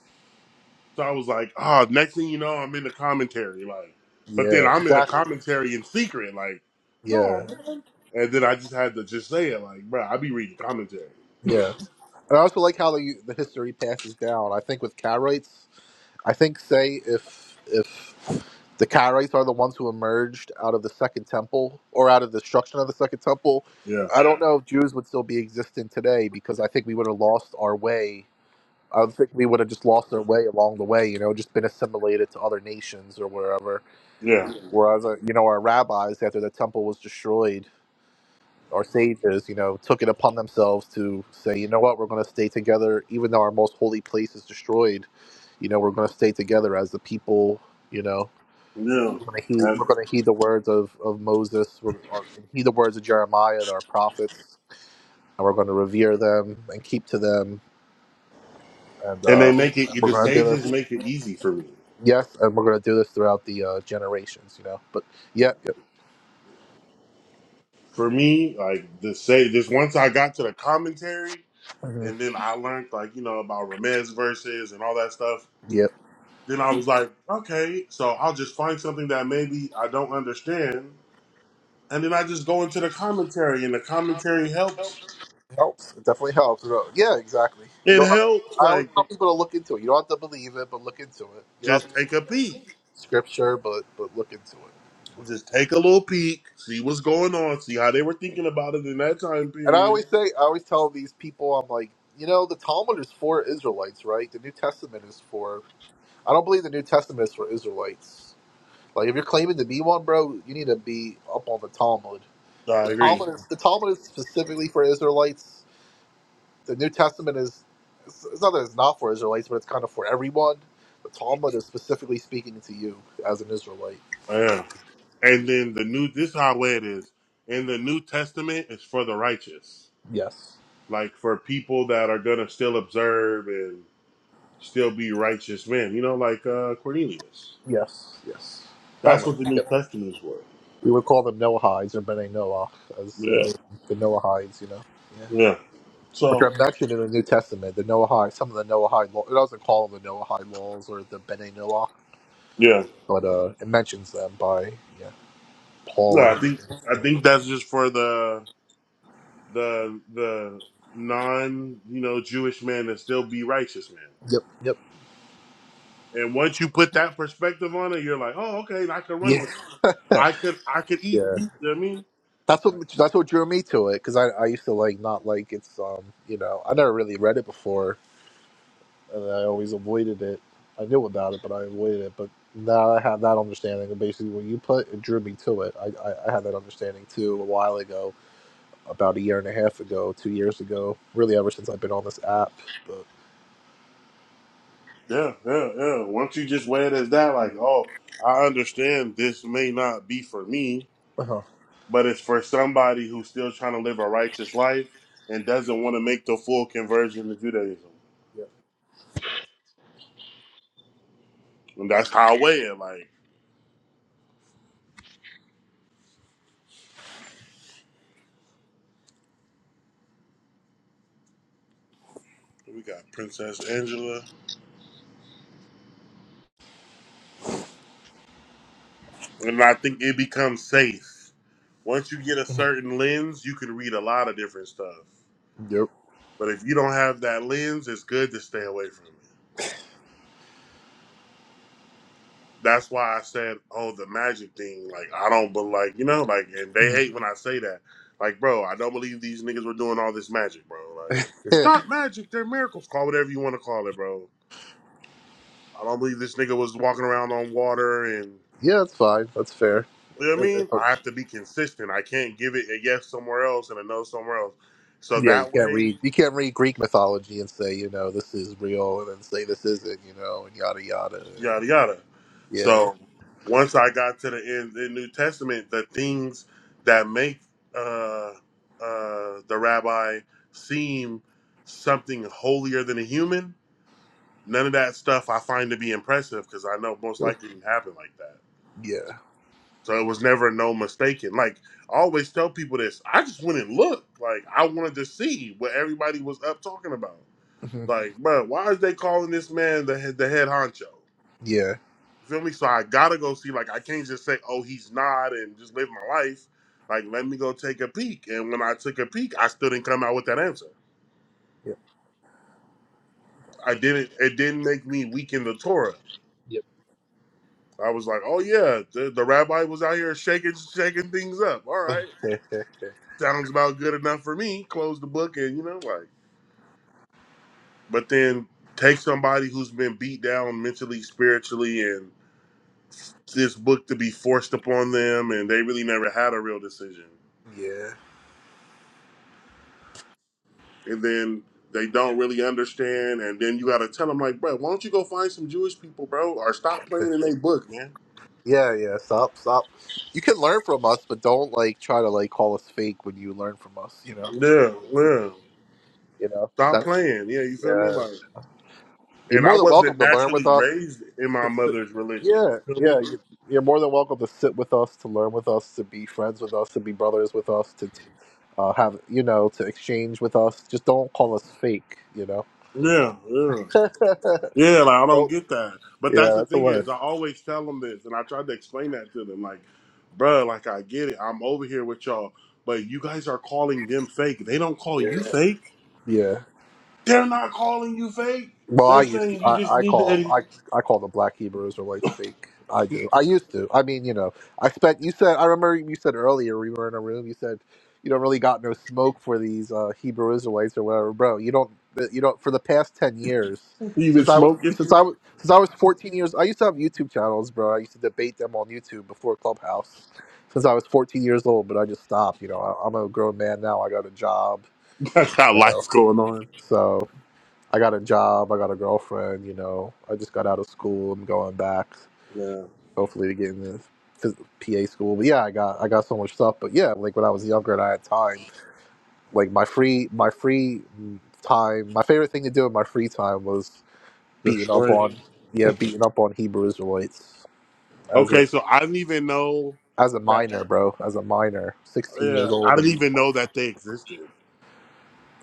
Speaker 3: So I was like, ah, next thing you know, I'm in the commentary. Like, but then
Speaker 1: Yeah,
Speaker 3: I'm in the
Speaker 1: exactly.
Speaker 3: commentary in secret. Like,
Speaker 1: Yeah,
Speaker 3: no, man. And then I just had to just say it. Like, bro, I be reading commentary.
Speaker 1: yeah. And I also like how the the history passes down. I think with Karaites, I think say if if the Karaites are the ones who emerged out of the Second Temple or out of the destruction of the Second Temple,
Speaker 3: Yeah,
Speaker 1: I don't know if Jews would still be existing today because I think we would have lost our way. I think we would have just lost our way along the way, you know, just been assimilated to other nations or wherever.
Speaker 3: yeah,
Speaker 1: Whereas, uh, you know, our rabbis, after the temple was destroyed, our sages, you know, took it upon themselves to say, you know what, we're going to stay together, even though our most holy place is destroyed. You know, we're going to stay together as the people. You know,
Speaker 3: yeah.
Speaker 1: we're going to heed,
Speaker 3: And,
Speaker 1: we're going to heed the words of of Moses, we're, or heed the words of Jeremiah, our prophets, and we're going to revere them and keep to them, and,
Speaker 3: and
Speaker 1: uh,
Speaker 3: they
Speaker 1: and
Speaker 3: make it.
Speaker 1: we're
Speaker 3: The
Speaker 1: going to do
Speaker 3: sages
Speaker 1: this.
Speaker 3: make it easy for me.
Speaker 1: Yes, and we're going to do this throughout the uh, generations. You know, but yeah, yeah,
Speaker 3: for me, like the say this once I got to the commentary
Speaker 1: mhm,
Speaker 3: and then I learned like, you know, about Ramez verses and all that stuff,
Speaker 1: yeah.
Speaker 3: then I was like, okay, so I'll just find something that maybe I don't understand and then I just go into the commentary and the commentary helps.
Speaker 1: helps. It definitely helps. No, Yeah, exactly. You
Speaker 3: It
Speaker 1: don't have.
Speaker 3: helps
Speaker 1: I always
Speaker 3: like
Speaker 1: tell people to look into it. You don't have to believe it, but look into it. You don't have
Speaker 3: just
Speaker 1: to read
Speaker 3: take a peek.
Speaker 1: scripture, but but look into it.
Speaker 3: Just take a little peek, see what's going on, see how they were thinking about it in that time
Speaker 1: And I
Speaker 3: period.
Speaker 1: always say, I always tell these people, I'm like, you know, the Talmud is for Israelites, right? The New Testament is for. I don't believe the New Testament is for Israelites. Like, if you're claiming to be one, bro, you need to be up on the Talmud.
Speaker 3: So,
Speaker 1: The
Speaker 3: I agree.
Speaker 1: Talmud is the Talmud is specifically for Israelites the New Testament is it's it's not that it's not for Israelites, but it's kind of for everyone. The Talmud is specifically speaking to you as an Israelite.
Speaker 3: Yeah. And then the new this is how it is. In the New Testament, it's for the righteous.
Speaker 1: Yes,
Speaker 3: like for people that are gonna still observe and still be righteous men. You know, like uh, Cornelius.
Speaker 1: yes, yes. Oh,
Speaker 3: That's
Speaker 1: like
Speaker 3: what the New
Speaker 1: yeah.
Speaker 3: Testament is for.
Speaker 1: we would call them Noahides or Bene Noah, as you
Speaker 3: Yeah,
Speaker 1: know, the Noahides, you know. Yeah.
Speaker 3: yeah.
Speaker 1: Which
Speaker 3: So
Speaker 1: are mentioned in the New Testament, the Noahide, some of the Noahide law. It doesn't call them the Noahide laws or the Bene Noah,
Speaker 3: yeah,
Speaker 1: but uh, it mentions them by yeah, Paul
Speaker 3: no, I
Speaker 1: and
Speaker 3: think I think that's just for the the the non you know Jewish man to still be righteous man.
Speaker 1: yep, yep,
Speaker 3: And once you put that perspective on it, you're like, oh, okay, I can run with
Speaker 1: yeah,
Speaker 3: it. I could I could eat.
Speaker 1: yeah.
Speaker 3: You know what I mean?
Speaker 1: That's what that's what drew me to it because I, I used to like not like it's um you know I never really read it before and I always avoided it. I knew about it but I avoided it. But now I have that understanding and basically when you put it drew me to it. I, I, I had that understanding too a while ago, about a year and a half ago, two years ago, really ever since I've been on this app. But
Speaker 3: Yeah, yeah, yeah. Once you just weigh it as that, like, oh, I understand this may not be for me,
Speaker 1: uh-huh.
Speaker 3: but it's for somebody who's still trying to live a righteous life and doesn't want to make the full conversion to Judaism.
Speaker 1: yeah,
Speaker 3: And that's how I weigh it. Like, we got Princess Angela. And I think it becomes safe. Once you get a certain lens, you can read a lot of different stuff.
Speaker 1: yep,
Speaker 3: But if you don't have that lens, it's good to stay away from it. that's why I said, oh, the magic thing. Like, I don't, but like, you know, like, and they
Speaker 1: Mhm.
Speaker 3: hate when I say that. Like, bro, I don't believe these niggas were doing all this magic, bro. Like, it's
Speaker 1: yeah,
Speaker 3: not magic. They're miracles. Call whatever you want to call it, bro. I don't believe this nigga was walking around on water and,
Speaker 1: yeah, that's fine, that's fair.
Speaker 3: you know what I mean? I have to be consistent. I can't give it a yes somewhere else and a no somewhere else. So
Speaker 1: Yeah, you
Speaker 3: that
Speaker 1: can't
Speaker 3: way,
Speaker 1: read you can't read Greek mythology and say you know this is real and then say this isn't you know and yada yada. And
Speaker 3: yada yada.
Speaker 1: yeah,
Speaker 3: So once I got to the end the New Testament, the things that make uh, uh, the rabbi seem something holier than a human, none of that stuff I find to be impressive because I know most
Speaker 1: Ugh.
Speaker 3: likely didn't happen like that.
Speaker 1: yeah,
Speaker 3: So it was never no mistaken. Like I always tell people this, I just went and looked. Like I wanted to see what everybody was up talking about.
Speaker 1: Mhm.
Speaker 3: Like, bro, why is they calling this man the head, the head honcho?
Speaker 1: yeah,
Speaker 3: You feel me? So I gotta go see. Like I can't just say, "Oh, he's not," and just live my life. Like let me go take a peek. And when I took a peek, I still didn't come out with that answer.
Speaker 1: yep,
Speaker 3: I didn't. It didn't make me weak in the Torah.
Speaker 1: yep.
Speaker 3: I was like, "Oh yeah, the, the rabbi was out here shaking shaking things up. All right, sounds about good enough for me. Close the book and you know like." But then take somebody who's been beat down mentally, spiritually, and this book to be forced upon them, and they really never had a real decision.
Speaker 1: yeah,
Speaker 3: and then they don't really understand, and then you got to tell them like, bro, why don't you go find some Jewish people, bro, or stop playing in their book, man.
Speaker 1: yeah, yeah. Stop, stop. You can learn from us, but don't like try to like call us fake when you learn from us. You know,
Speaker 3: Yeah,
Speaker 1: that's the
Speaker 3: yeah,
Speaker 1: thing. You know,
Speaker 3: stop
Speaker 1: that's
Speaker 3: playing. Yeah, you feel me?
Speaker 1: yeah.
Speaker 3: Like,
Speaker 1: You're
Speaker 3: and
Speaker 1: more
Speaker 3: I
Speaker 1: than welcome
Speaker 3: wasn't
Speaker 1: to learn with
Speaker 3: naturally
Speaker 1: us.
Speaker 3: raised in my mother's religion.
Speaker 1: Yeah,
Speaker 3: You feel
Speaker 1: yeah.
Speaker 3: me?
Speaker 1: you- You're more than welcome to sit with us, to learn with us, to be friends with us, to be brothers with us, to t- uh, have you know, to exchange with us. Just don't call us fake, you know.
Speaker 3: Yeah, yeah, yeah. Like I don't
Speaker 1: Oh,
Speaker 3: get that, but
Speaker 1: yeah,
Speaker 3: that's the
Speaker 1: that's the
Speaker 3: thing is,
Speaker 1: word.
Speaker 3: I always tell them this, and I tried to explain that to them, like, bro, like I get it, I'm over here with y'all, but you guys are calling them fake. They don't call you
Speaker 1: Yeah,
Speaker 3: fake.
Speaker 1: yeah.
Speaker 3: They're not calling you fake.
Speaker 1: Well,
Speaker 3: They're
Speaker 1: I used to,
Speaker 3: saying you just
Speaker 1: I, I
Speaker 3: need to
Speaker 1: call
Speaker 3: edit.
Speaker 1: I, I call the black Hebrew Israelites fake. I do. I used to. I mean, you know, I spent. You said I remember you said earlier we were in a room. You said you don't really got no smoke for these uh, Hebrew Israelites or whatever, bro. You don't. You don't. For the past ten years,
Speaker 3: You've been
Speaker 1: since I was
Speaker 3: smoking.
Speaker 1: since I was since I was fourteen years, I used to have YouTube channels, bro. I used to debate them on YouTube before Clubhouse. Since I was fourteen years old, but I just stopped. You know, I, I'm a grown man now. I got a job,
Speaker 3: That's how
Speaker 1: you know,
Speaker 3: life's going on.
Speaker 1: so. I got a job, I got a girlfriend, you know. I just got out of school. I'm going back,
Speaker 3: Yeah.
Speaker 1: hopefully, to get into phys- PA school. But yeah, I got I got so much stuff. But yeah, like when I was younger and I had time, like my free my free time, my favorite thing to do in my free time was beating up
Speaker 3: Destroying.
Speaker 1: on yeah beating up on Hebrew Israelites as a
Speaker 3: Okay, so I didn't even know
Speaker 1: as a
Speaker 3: that.
Speaker 1: minor, bro, as a minor, 16 years
Speaker 3: Yeah,
Speaker 1: old.
Speaker 3: I didn't
Speaker 1: And,
Speaker 3: even know that they existed.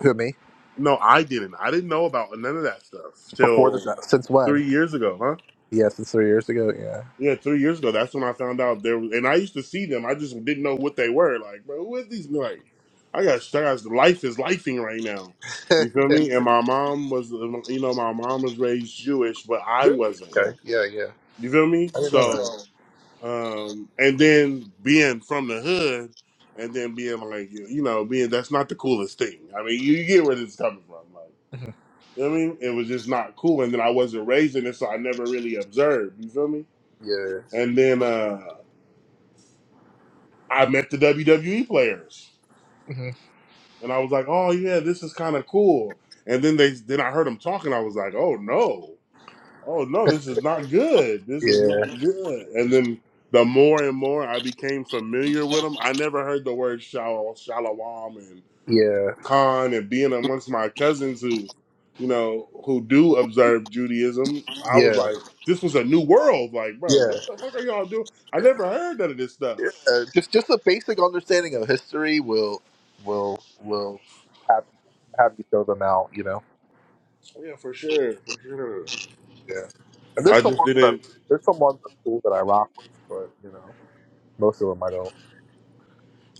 Speaker 1: who me?
Speaker 3: No, I didn't. I didn't know about none of that stuff
Speaker 1: Before this,
Speaker 3: till
Speaker 1: uh, since when?
Speaker 3: three years ago, huh?
Speaker 1: Yeah, since three years ago. Yeah.
Speaker 3: Yeah, three years ago, that's when I found out there was, and I used to see them. I just didn't know what they were. Like, bro, who is these? Like, I got, I got life is lifing right now. You feel me? And my mom was, you know, my mom was raised Jewish, but I wasn't.
Speaker 1: Okay. Yeah, yeah.
Speaker 3: You feel me?
Speaker 1: I didn't know
Speaker 3: So,
Speaker 1: that.
Speaker 3: um, and then being from the hood, and then being like, you know, being that's not the coolest thing. I mean, you, you get where this is coming from. Like,
Speaker 1: Mhm.
Speaker 3: you know what I mean, it was just not cool, and then I wasn't raised in it, so I never really observed. You feel me?
Speaker 1: Yeah.
Speaker 3: And then. uh. I met the WWE players,
Speaker 1: hmm
Speaker 3: and I was like, "Oh yeah, this is kind of cool." And then they then I heard them talking. I was like, "Oh no, oh no, this is not good. This is
Speaker 1: Yeah,
Speaker 3: not good." And then the more and more I became familiar with them, I never heard the word shal- shalom and
Speaker 1: yeah,
Speaker 3: Khan and being amongst my cousins who, you know, who do observe Judaism. I was
Speaker 1: yeah,
Speaker 3: like, this was a new world. Like, bro,
Speaker 1: yeah.
Speaker 3: what the fuck are y'all doing? I never heard none of this stuff.
Speaker 1: Uh, just just a basic understanding of history will will will have have you throw them out, you know.
Speaker 3: Yeah, for sure, for sure.
Speaker 1: Yeah, and there's
Speaker 3: I
Speaker 1: some
Speaker 3: just
Speaker 1: ones that are,
Speaker 3: didn't.
Speaker 1: there's some ones that are cool that I rock with, but you know, most of them I don't.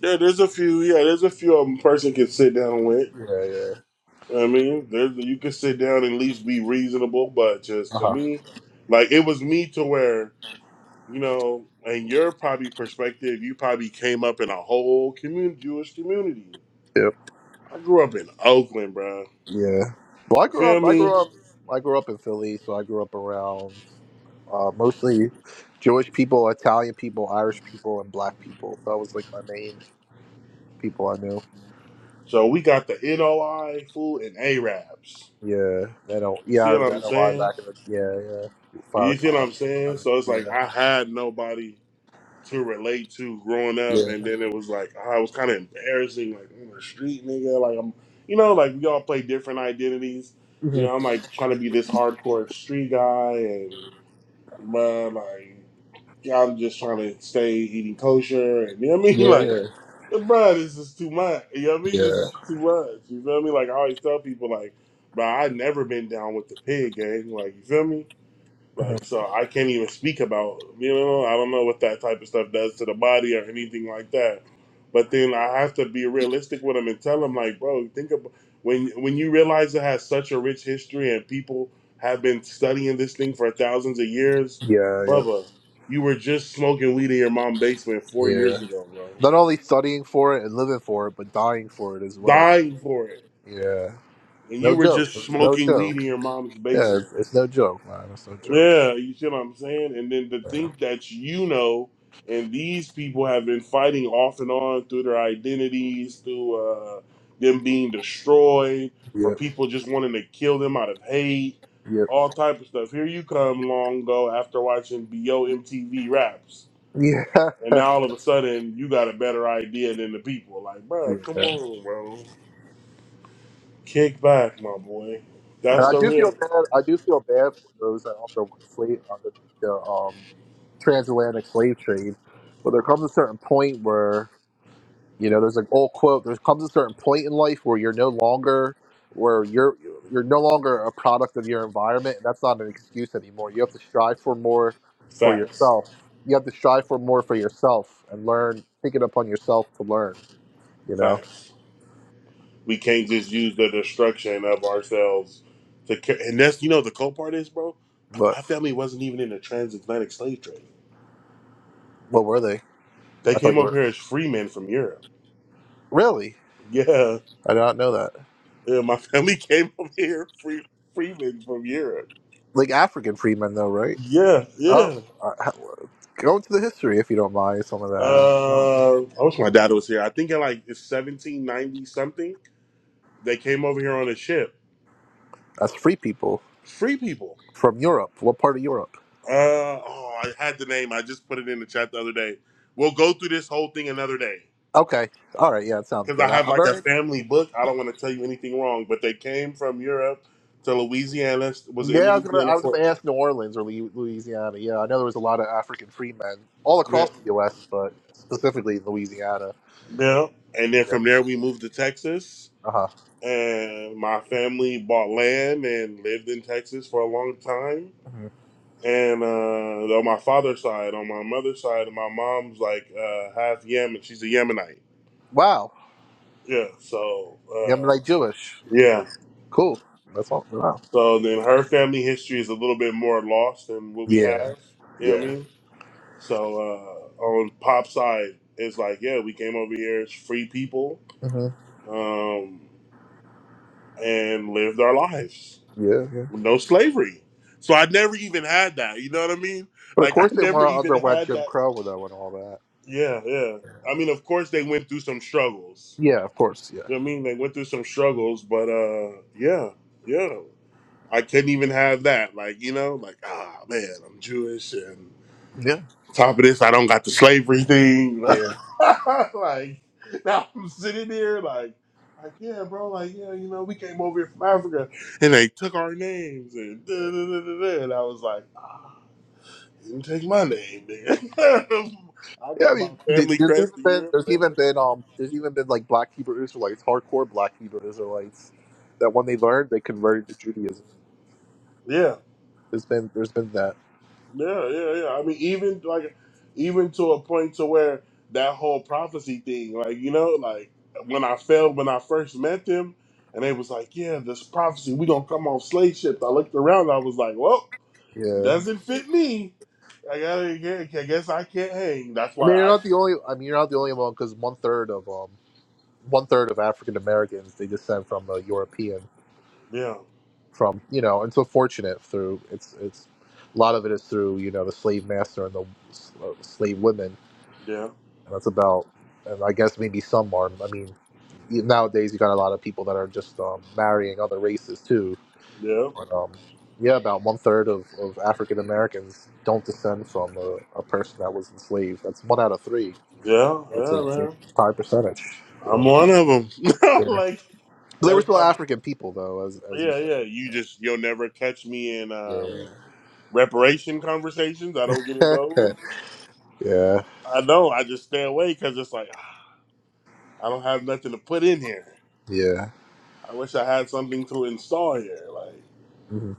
Speaker 3: Yeah, there's a few. Yeah, there's a few of 'em a person can sit down with.
Speaker 1: Yeah, yeah.
Speaker 3: I mean, there's you can sit down and at least be reasonable, but
Speaker 1: Uh
Speaker 3: just to
Speaker 1: huh.
Speaker 3: me, like it was me to where you know, in your probably perspective, you probably came up in a whole commun Jewish community.
Speaker 1: Yep.
Speaker 3: I grew up in Oakland, bro.
Speaker 1: Yeah. Well, I
Speaker 3: You
Speaker 1: grew
Speaker 3: feel
Speaker 1: up. I
Speaker 3: me?
Speaker 1: grew up. I grew up in Philly, so I grew up around uh, mostly Jewish people, Italian people, Irish people, and Black people. So That was like my main people I knew.
Speaker 3: So we got the NOI fool and Arabs.
Speaker 1: Yeah, that don't.
Speaker 3: You
Speaker 1: Yeah, I
Speaker 3: see
Speaker 1: heard
Speaker 3: what I'm
Speaker 1: a while
Speaker 3: saying?
Speaker 1: back in the. Yeah, yeah. Fire
Speaker 3: You see what
Speaker 1: talk.
Speaker 3: I'm saying? So it's
Speaker 1: Yeah,
Speaker 3: like I had nobody. to relate to growing up,
Speaker 1: yeah,
Speaker 3: and then it was like ah, it was kind of embarrassing, like I'm a street nigga, like I'm, you know, like we all play different identities. You
Speaker 1: Mhm.
Speaker 3: know, I'm like trying to be this hardcore street guy, and bruh, like yeah, I'm just trying to stay eating kosher, and you know what I mean,
Speaker 1: yeah,
Speaker 3: like.
Speaker 1: yeah,
Speaker 3: Bruh, this is too much. You know what I mean? This
Speaker 1: yeah,
Speaker 3: is too much. You feel me? Like I always tell people, like, bruh, I never been down with the pig gang. Like, you feel me? Like
Speaker 1: Mhm.
Speaker 3: so, I can't even speak about you know I don't know what that type of stuff does to the body or anything like that. But then I have to be realistic with them and tell them like, bro, think about when when you realize it has such a rich history and people have been studying this thing for thousands of years,
Speaker 1: yeah, yeah,
Speaker 3: Bubba, you were just smoking weed in your mom's basement four years
Speaker 1: yeah.
Speaker 3: ago, bro,
Speaker 1: Not only studying for it and living for it, but dying for it as well.
Speaker 3: dying for it,
Speaker 1: Yeah,
Speaker 3: and
Speaker 1: no
Speaker 3: you were
Speaker 1: joke.
Speaker 3: just
Speaker 1: no
Speaker 3: smoking weed
Speaker 1: joke.
Speaker 3: in your mom's
Speaker 1: Yeah,
Speaker 3: basement.
Speaker 1: it's, it's no joke, man. It's no joke.
Speaker 3: Yeah, you see what I'm saying? And then to
Speaker 1: Yeah.
Speaker 3: think that you know, and these people have been fighting off and on through their identities, through uh, them being destroyed, for
Speaker 1: Yep.
Speaker 3: people just wanting to kill them out of hate,
Speaker 1: Yep.
Speaker 3: all type of stuff. Here you come long ago after watching BO MTV Raps.
Speaker 1: Yeah.
Speaker 3: And now all of a sudden you got a better idea than the people. Like, bro, come
Speaker 1: yeah.
Speaker 3: on, bro. Kick back, my boy.
Speaker 1: And
Speaker 3: That's
Speaker 1: I
Speaker 3: the
Speaker 1: do feel
Speaker 3: real
Speaker 1: bad. I do feel bad for those that are on the one slate on the, the um transatlantic slave trade. But there comes a certain point where, you know, there's an old quote, there comes a certain point in life where you're no longer where you're you're no longer a product of your environment and that's not an excuse anymore. You have to strive for more for
Speaker 3: facts.
Speaker 1: yourself. You have to strive for more for yourself and learn take it upon yourself to learn, you know.
Speaker 3: Facts. We can't just use the destruction of ourselves to. ca- And that's you know the cool part is, bro.
Speaker 1: But
Speaker 3: My family wasn't even in the transatlantic slave trade.
Speaker 1: what were they?
Speaker 3: They
Speaker 1: I thought
Speaker 3: came
Speaker 1: you
Speaker 3: over
Speaker 1: were
Speaker 3: here as free men from Europe.
Speaker 1: Really?
Speaker 3: Yeah,
Speaker 1: I did not know that.
Speaker 3: yeah. My family came over here free free men from Europe.
Speaker 1: Like African freedmen though, right?
Speaker 3: Yeah,
Speaker 1: Oh,
Speaker 3: yeah.
Speaker 1: uh, how- go into the history if you don't mind some of that.
Speaker 3: Uh, I wish my dad was here. I think in like 1790 something, they came over here on a ship.
Speaker 1: That's free people
Speaker 3: Free people.
Speaker 1: from Europe. What part of Europe?
Speaker 3: Uh, oh, I had the name. I just put it in the chat the other day. We'll go through this whole thing another day.
Speaker 1: Okay. All right. Yeah, it sounds
Speaker 3: because I
Speaker 1: good. I,
Speaker 3: have
Speaker 1: I'm
Speaker 3: like a
Speaker 1: very.
Speaker 3: family book. I don't want to tell you anything wrong, but they came from Europe to Louisiana. Was
Speaker 1: Yeah,
Speaker 3: in
Speaker 1: I was gonna.
Speaker 3: Louisiana
Speaker 1: I was
Speaker 3: for
Speaker 1: gonna ask New Orleans or Lu- Louisiana. Yeah, I know there was a lot of African free men all
Speaker 3: yeah,
Speaker 1: across the U.S., but specifically in Louisiana.
Speaker 3: yeah. and then
Speaker 1: Yep.
Speaker 3: from there we moved to Texas,
Speaker 1: Uh huh.
Speaker 3: and my family bought land and lived in Texas for a long time.
Speaker 1: hmm
Speaker 3: And uh, on my father's side, on my mother's side, my mom's like uh, half Yemen. She's a Yemenite.
Speaker 1: Wow.
Speaker 3: Yeah. So
Speaker 1: Yeah, I'm
Speaker 3: uh,
Speaker 1: like Jewish.
Speaker 3: yeah.
Speaker 1: Cool. That's all. Wow.
Speaker 3: So then her family history is a little bit more lost than what we
Speaker 1: Yeah.
Speaker 3: have. You know what I
Speaker 1: Yeah.
Speaker 3: mean? So uh, on pop side, it's like, yeah, we came over here as free people
Speaker 1: hmm
Speaker 3: um, and lived our lives
Speaker 1: Yeah. Yeah.
Speaker 3: with no slavery. So I never even had that. You know what I mean?
Speaker 1: But of
Speaker 3: Like I
Speaker 1: course they want
Speaker 3: never
Speaker 1: to
Speaker 3: even
Speaker 1: underwent
Speaker 3: had
Speaker 1: Jim
Speaker 3: that.
Speaker 1: Crow and all that.
Speaker 3: Yeah, yeah. I mean, of course they went through some struggles.
Speaker 1: Yeah. Of course. Yeah.
Speaker 3: You know what I mean? They went through some struggles, but uh, yeah, yeah. I couldn't even have that. Like you know, like ah man, I'm Jewish and.
Speaker 1: Yeah.
Speaker 3: Top of this, I don't got the slavery thing.
Speaker 1: Yeah.
Speaker 3: like now I'm sitting there like like yeah, bro, like yeah, you know, we came over here from Africa and they took our names and da, da, da, da, da. and I was like, ah, didn't take my name, nigga. I
Speaker 1: Yeah, I
Speaker 3: got my
Speaker 1: mean, th-
Speaker 3: family
Speaker 1: there's even
Speaker 3: crest in
Speaker 1: been
Speaker 3: Europe
Speaker 1: there's
Speaker 3: and
Speaker 1: even
Speaker 3: everything.
Speaker 1: been um there's even been like black Hebrew Israelites, hardcore black Hebrew Israelites, that when they learned they converted to Judaism.
Speaker 3: Yeah.
Speaker 1: There's been there's been that.
Speaker 3: Yeah, yeah, yeah. I mean, even like, even to a point to where that whole prophecy thing, like you know, like when I fell when I first met them, and they was like, "Yeah, this prophecy, we gonna come off slave ships." I looked around, I was like, "Well,
Speaker 1: Yeah,
Speaker 3: doesn't fit me. I gotta, I guess I can't hang." That's
Speaker 1: I
Speaker 3: why
Speaker 1: mean you're
Speaker 3: I,
Speaker 1: not the only. I mean you're not the only one because one third of um one third of African Americans they descend from a European
Speaker 3: yeah,
Speaker 1: from you know and so fortunate through it's it's a lot of it is through you know the slave master and the s- uh, slave women
Speaker 3: yeah,
Speaker 1: And That's about, and I guess maybe some are. I mean, you- nowadays you got a lot of people that are just um, marrying other races too.
Speaker 3: yeah,
Speaker 1: But um, yeah, about one third of, of African Americans don't descend from a, a person that was enslaved. That's one out of three.
Speaker 3: yeah,
Speaker 1: That's a,
Speaker 3: yeah,
Speaker 1: it's a
Speaker 3: man.
Speaker 1: high percentage.
Speaker 3: I'm
Speaker 1: Yeah.
Speaker 3: one of them.
Speaker 1: yeah,
Speaker 3: like
Speaker 1: But they were
Speaker 3: that's
Speaker 1: still
Speaker 3: why,
Speaker 1: African people though, as as you
Speaker 3: yeah, yeah.
Speaker 1: said.
Speaker 3: You just you'll never catch me in. um reparation conversations. I don't get in
Speaker 1: Yeah,
Speaker 3: those.
Speaker 1: yeah,
Speaker 3: I know. I just stay away because it's like "Ah, I don't have nothing to put in here.
Speaker 1: yeah.
Speaker 3: I wish I had something to install here. Like
Speaker 1: Mhm.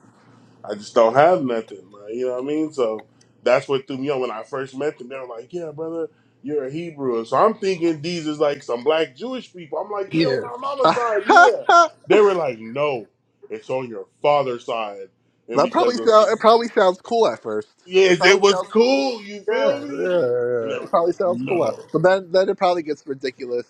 Speaker 3: I just don't have nothing. Like, you know what I mean? So that's what threw me on when I first met them. They were like, "Yeah, brother, you're a Hebrew." And so I'm thinking these is like some black Jewish people. I'm like, "Yeah,
Speaker 1: yeah.
Speaker 3: on my mama's side, yeah." They were like, "No, it's on your father's side," and
Speaker 1: that probably
Speaker 3: because of
Speaker 1: sound, it probably sounds cool at first. It
Speaker 3: yes, it
Speaker 1: probably
Speaker 3: was
Speaker 1: sounds
Speaker 3: cool. You
Speaker 1: yeah,
Speaker 3: feel
Speaker 1: yeah. yeah,
Speaker 3: me? And they
Speaker 1: yeah. It
Speaker 3: were
Speaker 1: probably
Speaker 3: like,
Speaker 1: sounds cooler.
Speaker 3: "No."
Speaker 1: But then, then it probably gets ridiculous.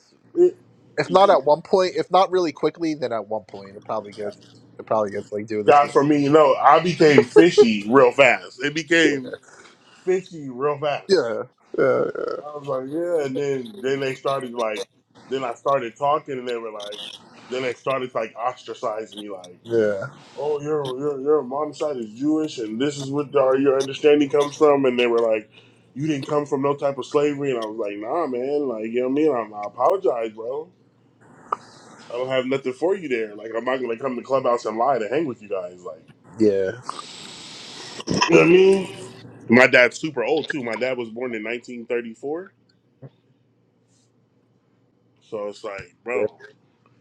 Speaker 1: If not at one point, if not really quickly, then at one point it probably gets, it probably gets like, dude, this is,
Speaker 3: guys for me, you know, I became fishy real fast. It
Speaker 1: yeah,
Speaker 3: became fishy real fast.
Speaker 1: yeah, yeah,
Speaker 3: I was like, yeah, and then then they started like, then I started talking, and they were like, then they started like ostracizing me, like,
Speaker 1: yeah,
Speaker 3: oh, your your your mom's side is Jewish, and this is what our, your understanding comes from, and they were like. You didn't come from no type of slavery, and I was like, "Nah, man. Like, you know what I mean? I'm, I apologize, bro. I don't have nothing for you there. Like, I'm not gonna come to clubhouse and lie to hang with you guys. Like,
Speaker 1: yeah,
Speaker 3: you know what I mean? My dad's super old too. My dad was born in 1934, so it's like,
Speaker 1: yeah.
Speaker 3: bro,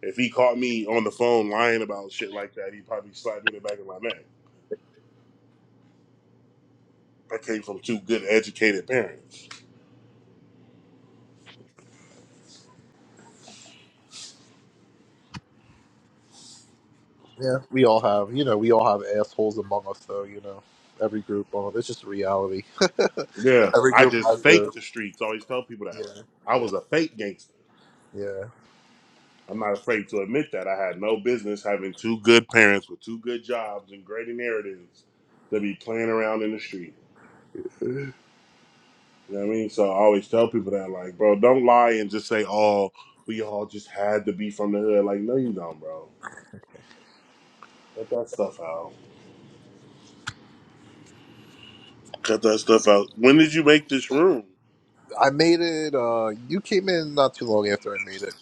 Speaker 3: if he caught me on the phone lying about shit like that, he'd probably slap me in the back of my neck. I came from two good, educated parents.
Speaker 1: yeah. We all have, you know, we all have assholes among us, though. You know, every group, well, it's just reality.
Speaker 3: Yeah,
Speaker 1: Every
Speaker 3: I
Speaker 1: group
Speaker 3: just
Speaker 1: has their,
Speaker 3: faked the streets. I always tell people that
Speaker 1: yeah,
Speaker 3: I was a fake gangster.
Speaker 1: yeah,
Speaker 3: I'm not afraid to admit that I had no business having two good parents with two good jobs and great inheritance to be playing around in the street.
Speaker 1: yeah.
Speaker 3: You know what I mean? So I always tell people that, like, bro, don't lie and just say, oh, we all just had to be from the hood. Like, no, you don't, bro. Cut that stuff out. Cut that stuff out. When did you make this room?
Speaker 1: I made it. uh You came in not too long after I made it.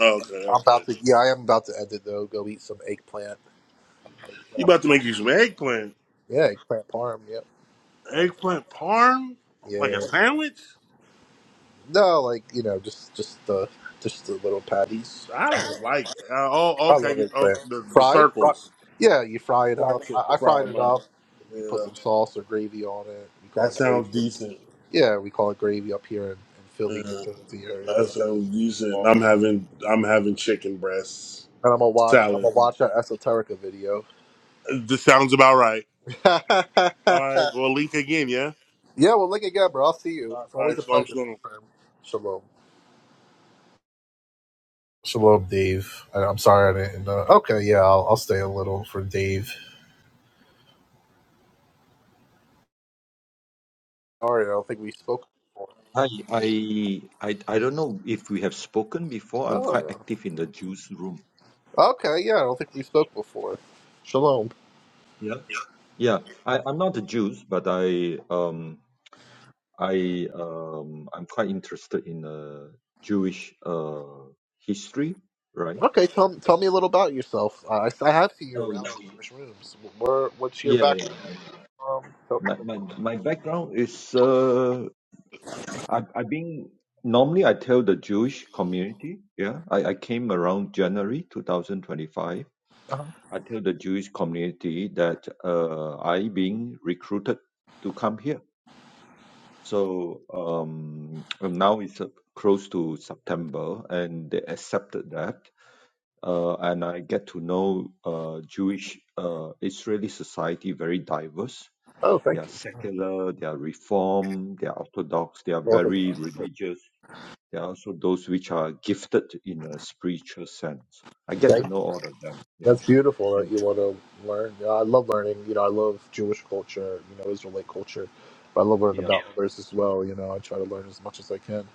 Speaker 3: Oh, okay,
Speaker 1: I'm
Speaker 3: okay.
Speaker 1: about to, yeah, I am about to end it though. Go eat some eggplant.
Speaker 3: You about to make you some eggplant.
Speaker 1: Yeah, eggplant parm. Yep. I don't-
Speaker 3: Eggplant parm? Like a
Speaker 1: Yeah.
Speaker 3: sandwich?
Speaker 1: No, like you know, just just the just the little patties.
Speaker 3: I don't
Speaker 1: I
Speaker 3: like it. Uh, oh, okay.
Speaker 1: love
Speaker 3: You, oh,
Speaker 1: eggplant.
Speaker 3: the, the
Speaker 1: Fried? Fri
Speaker 3: circles.
Speaker 1: yeah, you fry it up.
Speaker 3: Slice it,
Speaker 1: I, I
Speaker 3: fry
Speaker 1: fried
Speaker 3: them
Speaker 1: it
Speaker 3: up.
Speaker 1: up. You put
Speaker 3: Yeah.
Speaker 1: some sauce or gravy on it. We call
Speaker 3: That
Speaker 1: it gravy.
Speaker 3: sounds decent.
Speaker 1: Yeah, we call it gravy up here in, in Philly, New
Speaker 3: Yeah,
Speaker 1: Jersey area.
Speaker 3: that
Speaker 1: But,
Speaker 3: sounds decent. I'm having I'm having chicken breasts
Speaker 1: and I'm gonna watch. I'm
Speaker 3: salad.
Speaker 1: gonna watch that esoterica video.
Speaker 3: This sounds about right.
Speaker 1: yeah,
Speaker 3: All right.
Speaker 1: well,
Speaker 3: Well, link again, yeah?
Speaker 1: look again, bro. I'll see you.
Speaker 3: All
Speaker 1: It's always
Speaker 3: right.
Speaker 1: a
Speaker 3: So I'm just
Speaker 1: pleasure.
Speaker 3: gonna.
Speaker 1: Big Perm. Shalom. Shalom, Dave. I, I'm sorry I didn't. Uh, okay, yeah, I'll, I'll stay a little for Dave. All right, I don't think we spoke before.
Speaker 5: Hi, I, I, I don't know if we have spoken before. I'm
Speaker 1: No,
Speaker 5: quite
Speaker 1: no.
Speaker 5: active in the Jews room.
Speaker 1: Okay, yeah, I don't think we spoke before. Shalom.
Speaker 5: Yeah, yeah. I, I'm not a Jew, but I, um, I, um, I'm quite interested in uh, Jewish uh, history, right?
Speaker 1: Okay, tell tell me a little about yourself. I, I have seen you
Speaker 5: Oh,
Speaker 1: around
Speaker 5: y-
Speaker 1: in Jewish rooms. Where what's your
Speaker 5: yeah,
Speaker 1: background?
Speaker 5: yeah.
Speaker 1: Um, so,
Speaker 5: My, my, my background is uh, I, I've been normally I tell the Jewish community. Yeah, I, I came around January 2025
Speaker 1: uh
Speaker 5: I tell the Jewish community that uh, I being recruited to come here. So um, and now it's uh, close to September, and they accepted that. Uh, and I get to know uh, Jewish uh, Israeli society very diverse.
Speaker 1: Oh,
Speaker 5: They
Speaker 1: thank
Speaker 5: are
Speaker 1: you.
Speaker 5: secular, they are reform, they are orthodox, they are
Speaker 1: Welcome.
Speaker 5: very religious. They are also those which are gifted in a spiritual sense. I get to
Speaker 1: Thank
Speaker 5: know all of them. Yeah,
Speaker 1: That's beautiful
Speaker 5: and
Speaker 1: that you want to learn. Yeah, I love learning. You know, I love Jewish culture. You know, Israelite culture. But I love learning
Speaker 5: yeah
Speaker 1: about others as well. You know, I try to learn as much as I can.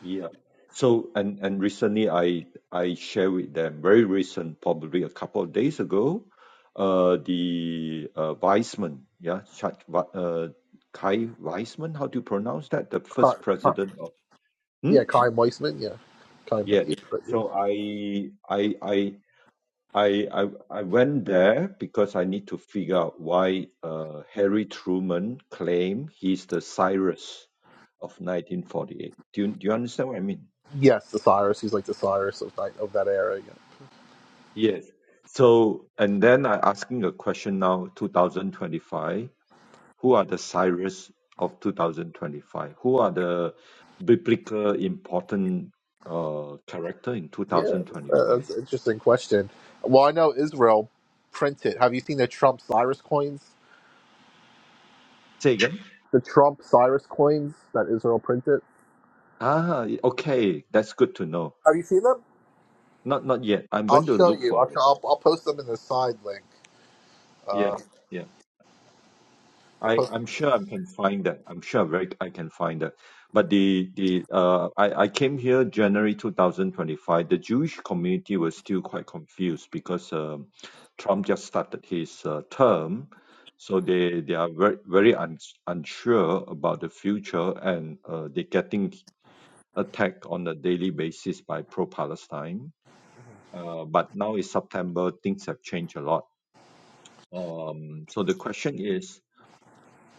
Speaker 5: Yeah. So and and recently I I share with them very recent, probably a couple of days ago, uh the uh Weizmann, yeah, Chad, Wa- uh Kai Weizmann, how do you pronounce that? The first president of
Speaker 1: Yeah,
Speaker 5: hmm?
Speaker 1: Chaim Weissman. Yeah, Chaim. But
Speaker 5: Yes.
Speaker 1: yeah, but yeah.
Speaker 5: So I I I I I I went there because I need to figure out why uh Harry Truman claimed he's the Cyrus of 1948. Do you, do you understand what I mean?
Speaker 1: Yes, the Cyrus. He's like the Cyrus of that, of that era.
Speaker 5: Yes. So, and then I asking a question now, 2025, who are the Cyrus of 2025? Who are the biblical important uh, character in
Speaker 1: Yeah, yeah uh,
Speaker 5: 2025?
Speaker 1: that's an interesting question. Well, I know Israel printed. Have you seen the Trump Cyrus coins?
Speaker 5: Say again?
Speaker 1: The Trump Cyrus coins that Israel printed.
Speaker 5: Ah, okay, that's good to know.
Speaker 1: Have you seen them?
Speaker 5: Not not yet. I'm
Speaker 1: I'll
Speaker 5: going to
Speaker 1: show
Speaker 5: look
Speaker 1: you. I'll
Speaker 5: for it.
Speaker 1: I'll, I'll post them in the side link. Uh,
Speaker 5: Yeah,
Speaker 1: I'll
Speaker 5: yeah. I,
Speaker 1: post.
Speaker 5: I'm sure I can find that. I'm sure very I can find that. But the the uh I, I came here January 2025. The Jewish community was still quite confused because um, Trump just started his uh, term, so they they are very very un, unsure about the future, and uh, they're getting attacked on a daily basis by pro-Palestine. Uh, but now it's September, things have changed a lot. Um, so the question is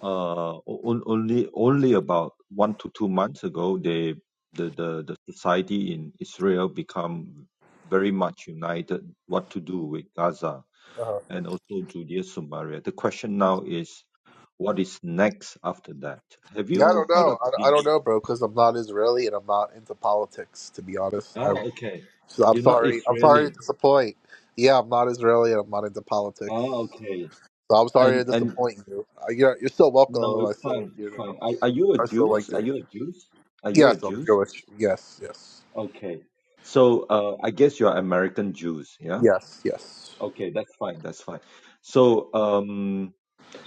Speaker 5: uh, on- only only about one to two months ago, they the, the the society in Israel become very much united what to do with Gaza
Speaker 1: Uh,
Speaker 5: and also Judea Samaria. The question now is what is next after that? Have
Speaker 1: yeah, I
Speaker 5: you
Speaker 1: don't
Speaker 5: heard of
Speaker 1: know. I, I
Speaker 5: the
Speaker 1: don't know, bro, because I'm not Israeli and I'm not into politics. To be honest,
Speaker 5: Ah
Speaker 1: I
Speaker 5: okay.
Speaker 1: So I'm
Speaker 5: You're not
Speaker 1: sorry. I'm sorry
Speaker 5: Israeli.
Speaker 1: to disappoint. Yeah, I'm not Israeli and I'm not into
Speaker 5: Ah
Speaker 1: politics.
Speaker 5: okay.
Speaker 1: So I'm sorry to
Speaker 5: And and
Speaker 1: disappoint you. Uh, You're you're still
Speaker 5: no
Speaker 1: welcome. I
Speaker 5: it's
Speaker 1: still
Speaker 5: fine,
Speaker 1: you
Speaker 5: it's
Speaker 1: know
Speaker 5: fine. Are, are you a
Speaker 1: I still
Speaker 5: Jews?
Speaker 1: liked
Speaker 5: Are
Speaker 1: it.
Speaker 5: you a Jews? Are you a
Speaker 1: Yes, I'm
Speaker 5: Jew?
Speaker 1: Jewish. Yes, yes,
Speaker 5: Okay. So uh, I guess you are American Jews, yeah?
Speaker 1: yes, yes.
Speaker 5: Okay, that's fine, that's fine. So um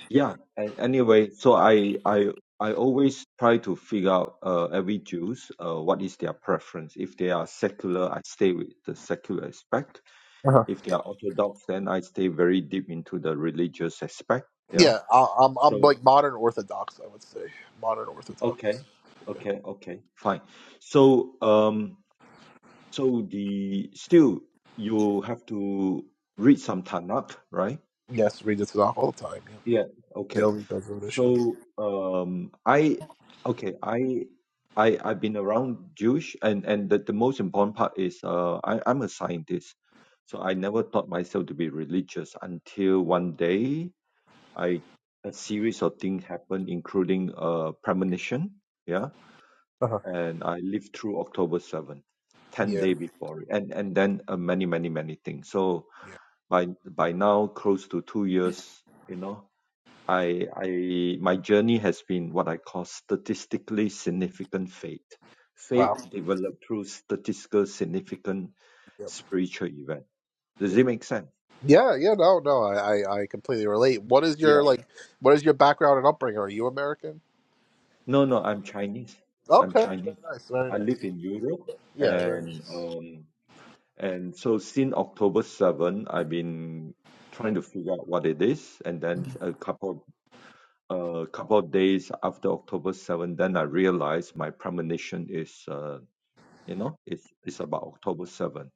Speaker 5: yeah, and anyway, so I I I always try to figure out uh, every Jews uh, what is their preference. If they are secular, I stay with the secular aspect.
Speaker 1: Uh-huh.
Speaker 5: If they are Orthodox, then I stay very deep into the religious aspect. Yeah.
Speaker 1: Yeah, I, I'm
Speaker 5: So
Speaker 1: I'm like modern Orthodox. I would say modern Orthodox.
Speaker 5: okay, okay, okay, fine. So um, So the still you have to read some Tanakh, right?
Speaker 1: Yes, read the Tanakh all the time. Yeah,
Speaker 5: Yeah. Okay.
Speaker 1: daily Bezod Hashem.
Speaker 5: So um, I okay I I I've been around Jewish and and the, the most important part is uh, I I'm a scientist, so I never thought myself to be religious until one day I a series of things happened, including uh premonition. Yeah
Speaker 1: Uh-huh.
Speaker 5: and I lived through October 7th, 10
Speaker 1: Yeah,
Speaker 5: day before it, and and then uh, many many many things. So
Speaker 1: yeah.
Speaker 5: by by now, close to two years, you know, I I my journey has been what I call statistically significant faith. Faith
Speaker 1: Wow.
Speaker 5: developed through statistical significant
Speaker 1: Yep,
Speaker 5: spiritual event. Does
Speaker 1: yep.
Speaker 5: it make sense?
Speaker 1: Yeah, yeah. No, no. I, I I completely relate. What is
Speaker 5: Yeah.
Speaker 1: your like? What is your background and upbringing? Are you American?
Speaker 5: No, no, I'm Chinese. I'm
Speaker 1: Okay. Very
Speaker 5: Chinese.
Speaker 1: nice. Very
Speaker 5: I live
Speaker 1: nice.
Speaker 5: in Europe
Speaker 1: Yeah. Very
Speaker 5: and
Speaker 1: nice.
Speaker 5: um, And so since October 7, I've been trying to figure out what it is. And then a couple a couple of days after October 7, then I realized my premonition is uh, you know, it's it's about October 7.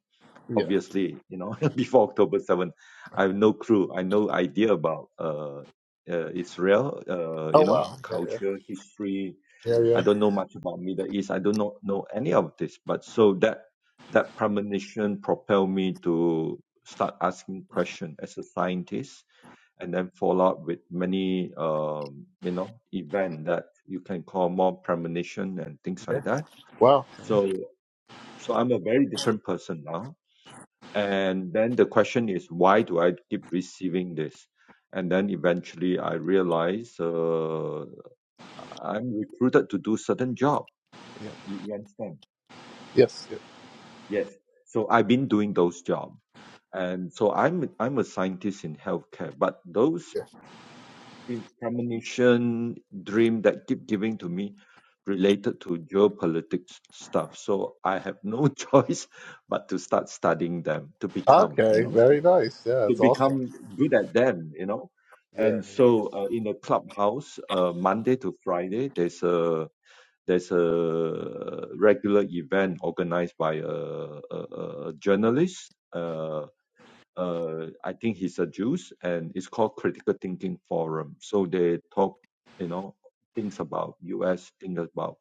Speaker 1: Yeah.
Speaker 5: Obviously, you know, before October 7, I have no clue. I no idea about uh, uh Israel, uh,
Speaker 1: Oh
Speaker 5: you know,
Speaker 1: wow. Yeah. Yeah.
Speaker 5: culture, history,
Speaker 1: Yeah. Yeah.
Speaker 5: I don't know much about Middle East. I don't know, any of this. But so that that premonition propelled me to start asking questions as a scientist, and then follow up with many um, you know event that you can call more premonition and things
Speaker 1: yeah.
Speaker 5: like that.
Speaker 1: Wow.
Speaker 5: So so I'm a very different person now. And then the question is, why do I keep receiving this? And then eventually I realize uh, I'm recruited to do certain job.
Speaker 1: Yeah.
Speaker 5: You, you understand?
Speaker 1: Yes. Yeah,
Speaker 5: Yes. So I've been doing those jobs. And so I'm I'm a scientist in healthcare, but those
Speaker 1: yeah.
Speaker 5: in- premonition dream that keep giving to me related to geopolitics stuff. So I have no choice but to start studying them to become, you
Speaker 1: Okay.
Speaker 5: know,
Speaker 1: Very nice. Yeah.
Speaker 5: to
Speaker 1: It's awesome.
Speaker 5: become good at them, you know.
Speaker 1: Yeah,
Speaker 5: And
Speaker 1: yeah.
Speaker 5: so uh, in the clubhouse, uh, Monday to Friday, there's a there's a regular event organized by a, a, a journalist. Uh, uh, I think he's a Jew, and it's called Critical Thinking Forum. So they talk, you know, things about U.S., things about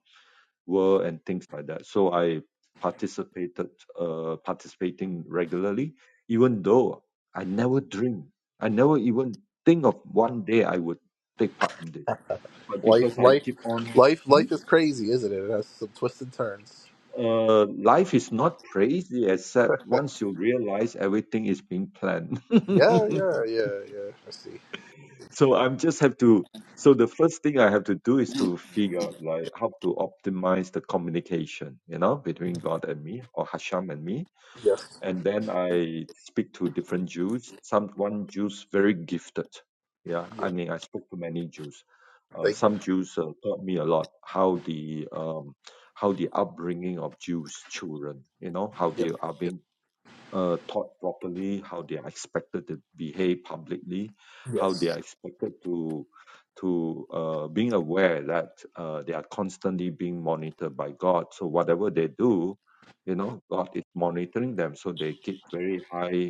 Speaker 5: world, and things like that. So I participated, uh, participating regularly, even though I never dream, I never even think of one day I would take part in this. But
Speaker 1: Life.
Speaker 5: because I
Speaker 1: Life.
Speaker 5: keep on,
Speaker 1: Life.
Speaker 5: Hmm?
Speaker 1: Life is crazy, isn't it? It has some twists and turns.
Speaker 5: Uh, life is not crazy except once you realize everything is being planned.
Speaker 1: Yeah. Yeah. Yeah. Yeah. I see.
Speaker 5: so I'm just have to. So the first thing I have to do is to figure out like how to optimize the communication, you know, between God and me or Hashem and me
Speaker 1: Yes.
Speaker 5: and then I speak to different Jews. Some one Jews very gifted. Yeah, I
Speaker 1: Yeah.
Speaker 5: mean I spoke to many Jews. Uh,
Speaker 1: Thank you.
Speaker 5: some Jews uh, taught me a lot how the um, how the upbringing of Jews children, you know, how they
Speaker 1: Yep.
Speaker 5: are
Speaker 1: Yep.
Speaker 5: being uh, taught properly, how they are expected to behave publicly, how they are
Speaker 1: Yes.
Speaker 5: expected to to uh, being aware that uh, they are constantly being monitored by God. So whatever they do, you know, God is monitoring them. So they keep very high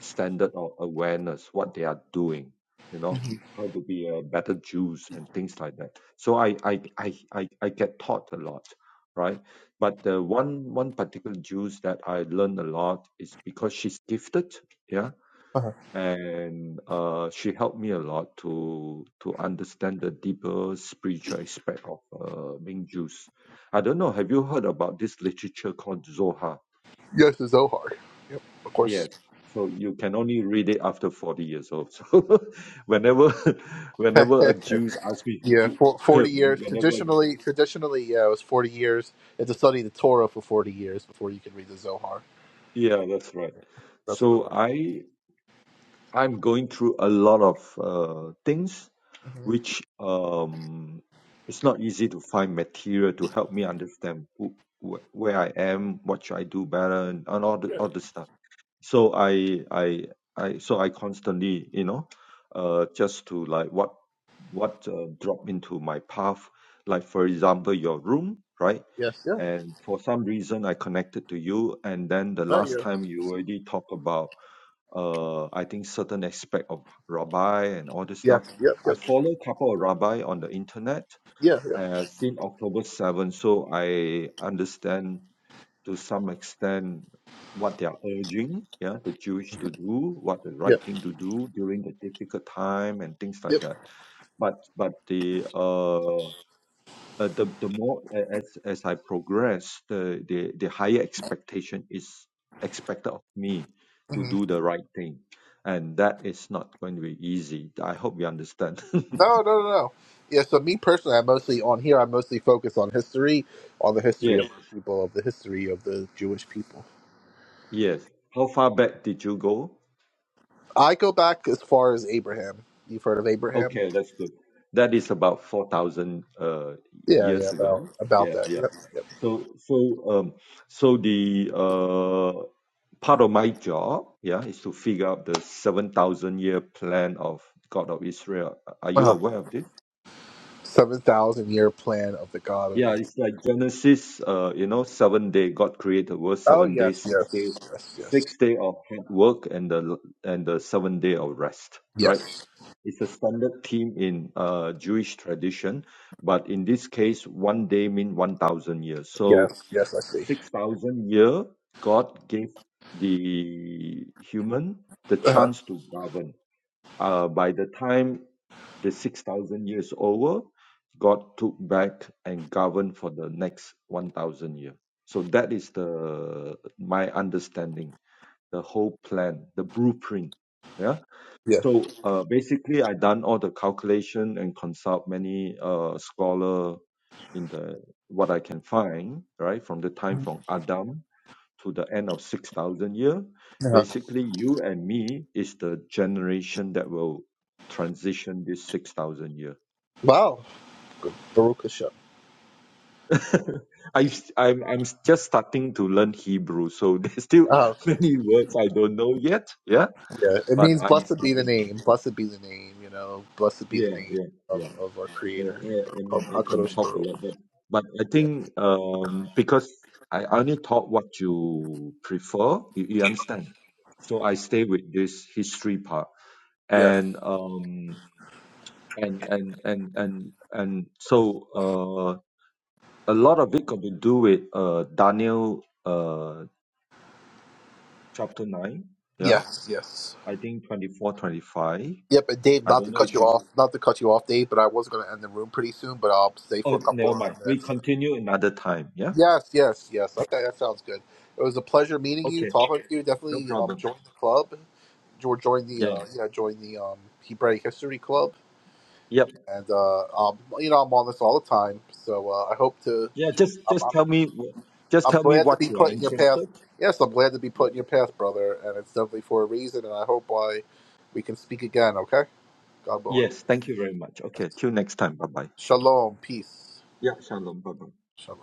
Speaker 5: standard of awareness, what they are doing, you know,
Speaker 1: hmm
Speaker 5: how to be a better Jews and things like that. So I I I I, I get taught a lot, right? But the one one particular Jews that I learned a lot is because she's gifted, yeah,
Speaker 1: Uh-huh.
Speaker 5: and uh, she helped me a lot to to understand the deeper spiritual aspect of uh, being Jews. I don't know. Have you heard about this literature called Zohar?
Speaker 1: Yes. It's Zohar, of course.
Speaker 5: Yes. So you can only read it after 40 years old. So whenever whenever a Jews ask me
Speaker 1: Yeah,
Speaker 5: who,
Speaker 1: for,
Speaker 5: when-
Speaker 1: forty years.
Speaker 5: whenever
Speaker 1: Traditionally, traditionally, yeah, it was forty years. You had to study the Torah for forty years before you could read the Zohar.
Speaker 5: yeah, that's right.
Speaker 1: That's what it
Speaker 5: So
Speaker 1: was.
Speaker 5: I I'm going through a lot of uh, things
Speaker 1: hmm
Speaker 5: which um it's not easy to find material to help me understand who, wh- where I am, what should I do better and, and all the
Speaker 1: Yeah.
Speaker 5: all the stuff. so I I I so I constantly you know uh just to like what what uh, drop into my path like for example your room right
Speaker 1: Yes. Yeah.
Speaker 5: and for some reason I connected to you and then the
Speaker 1: No.
Speaker 5: last
Speaker 1: Yeah.
Speaker 5: time you already talk about uh I think certain aspect of rabbi and all this
Speaker 1: Yes.
Speaker 5: stuff
Speaker 1: Yep.
Speaker 5: I
Speaker 1: Yep.
Speaker 5: follow couple of rabbi on the internet
Speaker 1: Yeah. Yeah.
Speaker 5: uh, since October 7 so I understand to some extent what they are urging yeah the jewish to do what the
Speaker 1: Yep.
Speaker 5: right thing to do during the difficult time and things like
Speaker 1: Yep.
Speaker 5: that but but the uh uh, the the more as as I progress, the, the the higher expectation is expected of me to
Speaker 1: hmm
Speaker 5: do the right thing, and that is not going to be easy. I hope you understand.
Speaker 1: No. No. No. No. Yeah. So me personally, I mostly on here. I mostly focus on history, on the history
Speaker 5: yes,
Speaker 1: of the people, of the history of the Jewish people.
Speaker 5: yes. How far back did you go?
Speaker 1: I go back as far as Abraham. You've heard of Abraham?
Speaker 5: Okay, that's good. That is about 4,000 uh,
Speaker 1: Yeah. Yeah.
Speaker 5: years ago.
Speaker 1: About about
Speaker 5: Yeah,
Speaker 1: that.
Speaker 5: yeah.
Speaker 1: Yep. Yep.
Speaker 5: So, so, um, so the uh, part of my job, yeah, is to figure out the 7,000 year plan of God of Israel. Are you
Speaker 1: Uh-huh.
Speaker 5: aware of this?
Speaker 1: Seven thousand year plan of the God of
Speaker 5: Yeah,
Speaker 1: Israel.
Speaker 5: it's like Genesis, uh, you know, seven day, God created the world,
Speaker 1: Oh
Speaker 5: seven
Speaker 1: yes,
Speaker 5: days, six day,
Speaker 1: yes, yes, yes,
Speaker 5: six day of hard work and the, and the seven day of rest, right?
Speaker 1: yes,
Speaker 5: It's a standard theme in uh, Jewish tradition, but in this case, one day mean one thousand years. So
Speaker 1: yes, yes. I see.
Speaker 5: six thousand year, God gave the human the
Speaker 1: Uh-huh.
Speaker 5: chance to govern. Uh, by the time the six thousand years over, God took back and governed for the next one thousand year. So that is the my understanding, the whole plan, the blueprint. Yeah
Speaker 1: Yeah.
Speaker 5: so uh, basically, I done all the calculation and consult many uh, scholar in the what I can find right from the time from Adam to the end of six thousand year.
Speaker 1: Uh-huh.
Speaker 5: Basically, you and me is the generation that will transition this six thousand year.
Speaker 1: Wow. Baruch Hashem.
Speaker 5: I,
Speaker 1: Yes.
Speaker 5: I'm I'm just starting to learn Hebrew, so there's still
Speaker 1: Oh
Speaker 5: many words I don't know yet. Yeah,
Speaker 1: yeah. It
Speaker 5: but
Speaker 1: means
Speaker 5: I'm
Speaker 1: blessed be the
Speaker 5: starting.
Speaker 1: name. Blessed be the name. You know. Blessed be the
Speaker 5: Yeah,
Speaker 1: name
Speaker 5: yeah, yeah.
Speaker 1: of, of our
Speaker 5: I I
Speaker 1: Creator.
Speaker 5: I
Speaker 1: Of
Speaker 5: mean, I can
Speaker 1: Hakadosh
Speaker 5: talk a
Speaker 1: Baruch.
Speaker 5: lot, but but I
Speaker 1: Yeah.
Speaker 5: think um because I only taught what you prefer, you, you understand. So I stay with this history part,
Speaker 1: Yes.
Speaker 5: and um and and and and and so uh a lot of it got to do with uh Daniel uh chapter nine, yeah.
Speaker 1: Yes. Yes.
Speaker 5: I think 24, 25.
Speaker 1: Yep. And Dave,
Speaker 5: I
Speaker 1: not to
Speaker 5: don't know
Speaker 1: cut
Speaker 5: if
Speaker 1: you
Speaker 5: you.
Speaker 1: off, not to cut you off, Dave, but I was going to end the room pretty soon, but I'll stay
Speaker 5: Oh,
Speaker 1: for a couple
Speaker 5: never
Speaker 1: more
Speaker 5: mind. We
Speaker 1: minutes.
Speaker 5: continue another time. Yeah.
Speaker 1: Yes. Yes. Yes. Okay. That sounds good. It was a pleasure meeting you,
Speaker 5: Okay.
Speaker 1: talking to you.
Speaker 5: No
Speaker 1: Definitely um,
Speaker 5: problem.
Speaker 1: join the club. jo- joined the
Speaker 5: Yeah.
Speaker 1: uh, you know join the um, Hebraic History Club,
Speaker 5: Yep.
Speaker 1: and uh, um, you know I'm on this all the time. So uh, I hope to.
Speaker 5: Yeah, just
Speaker 1: I'm,
Speaker 5: just
Speaker 1: I'm,
Speaker 5: tell me just
Speaker 1: I'm
Speaker 5: tell me
Speaker 1: glad to
Speaker 5: what
Speaker 1: be
Speaker 5: you are
Speaker 1: put in your path.
Speaker 5: interested.
Speaker 1: Yes, I'm glad to be
Speaker 5: Yeah.
Speaker 1: put in your path, brother, and it's definitely for a reason. And I hope I we can speak again. Okay, God willing.
Speaker 5: Yes, thank you very much. Okay, till next time. Bye bye.
Speaker 1: Shalom, peace.
Speaker 5: Yeah, shalom. Bye bye.
Speaker 1: Shalom.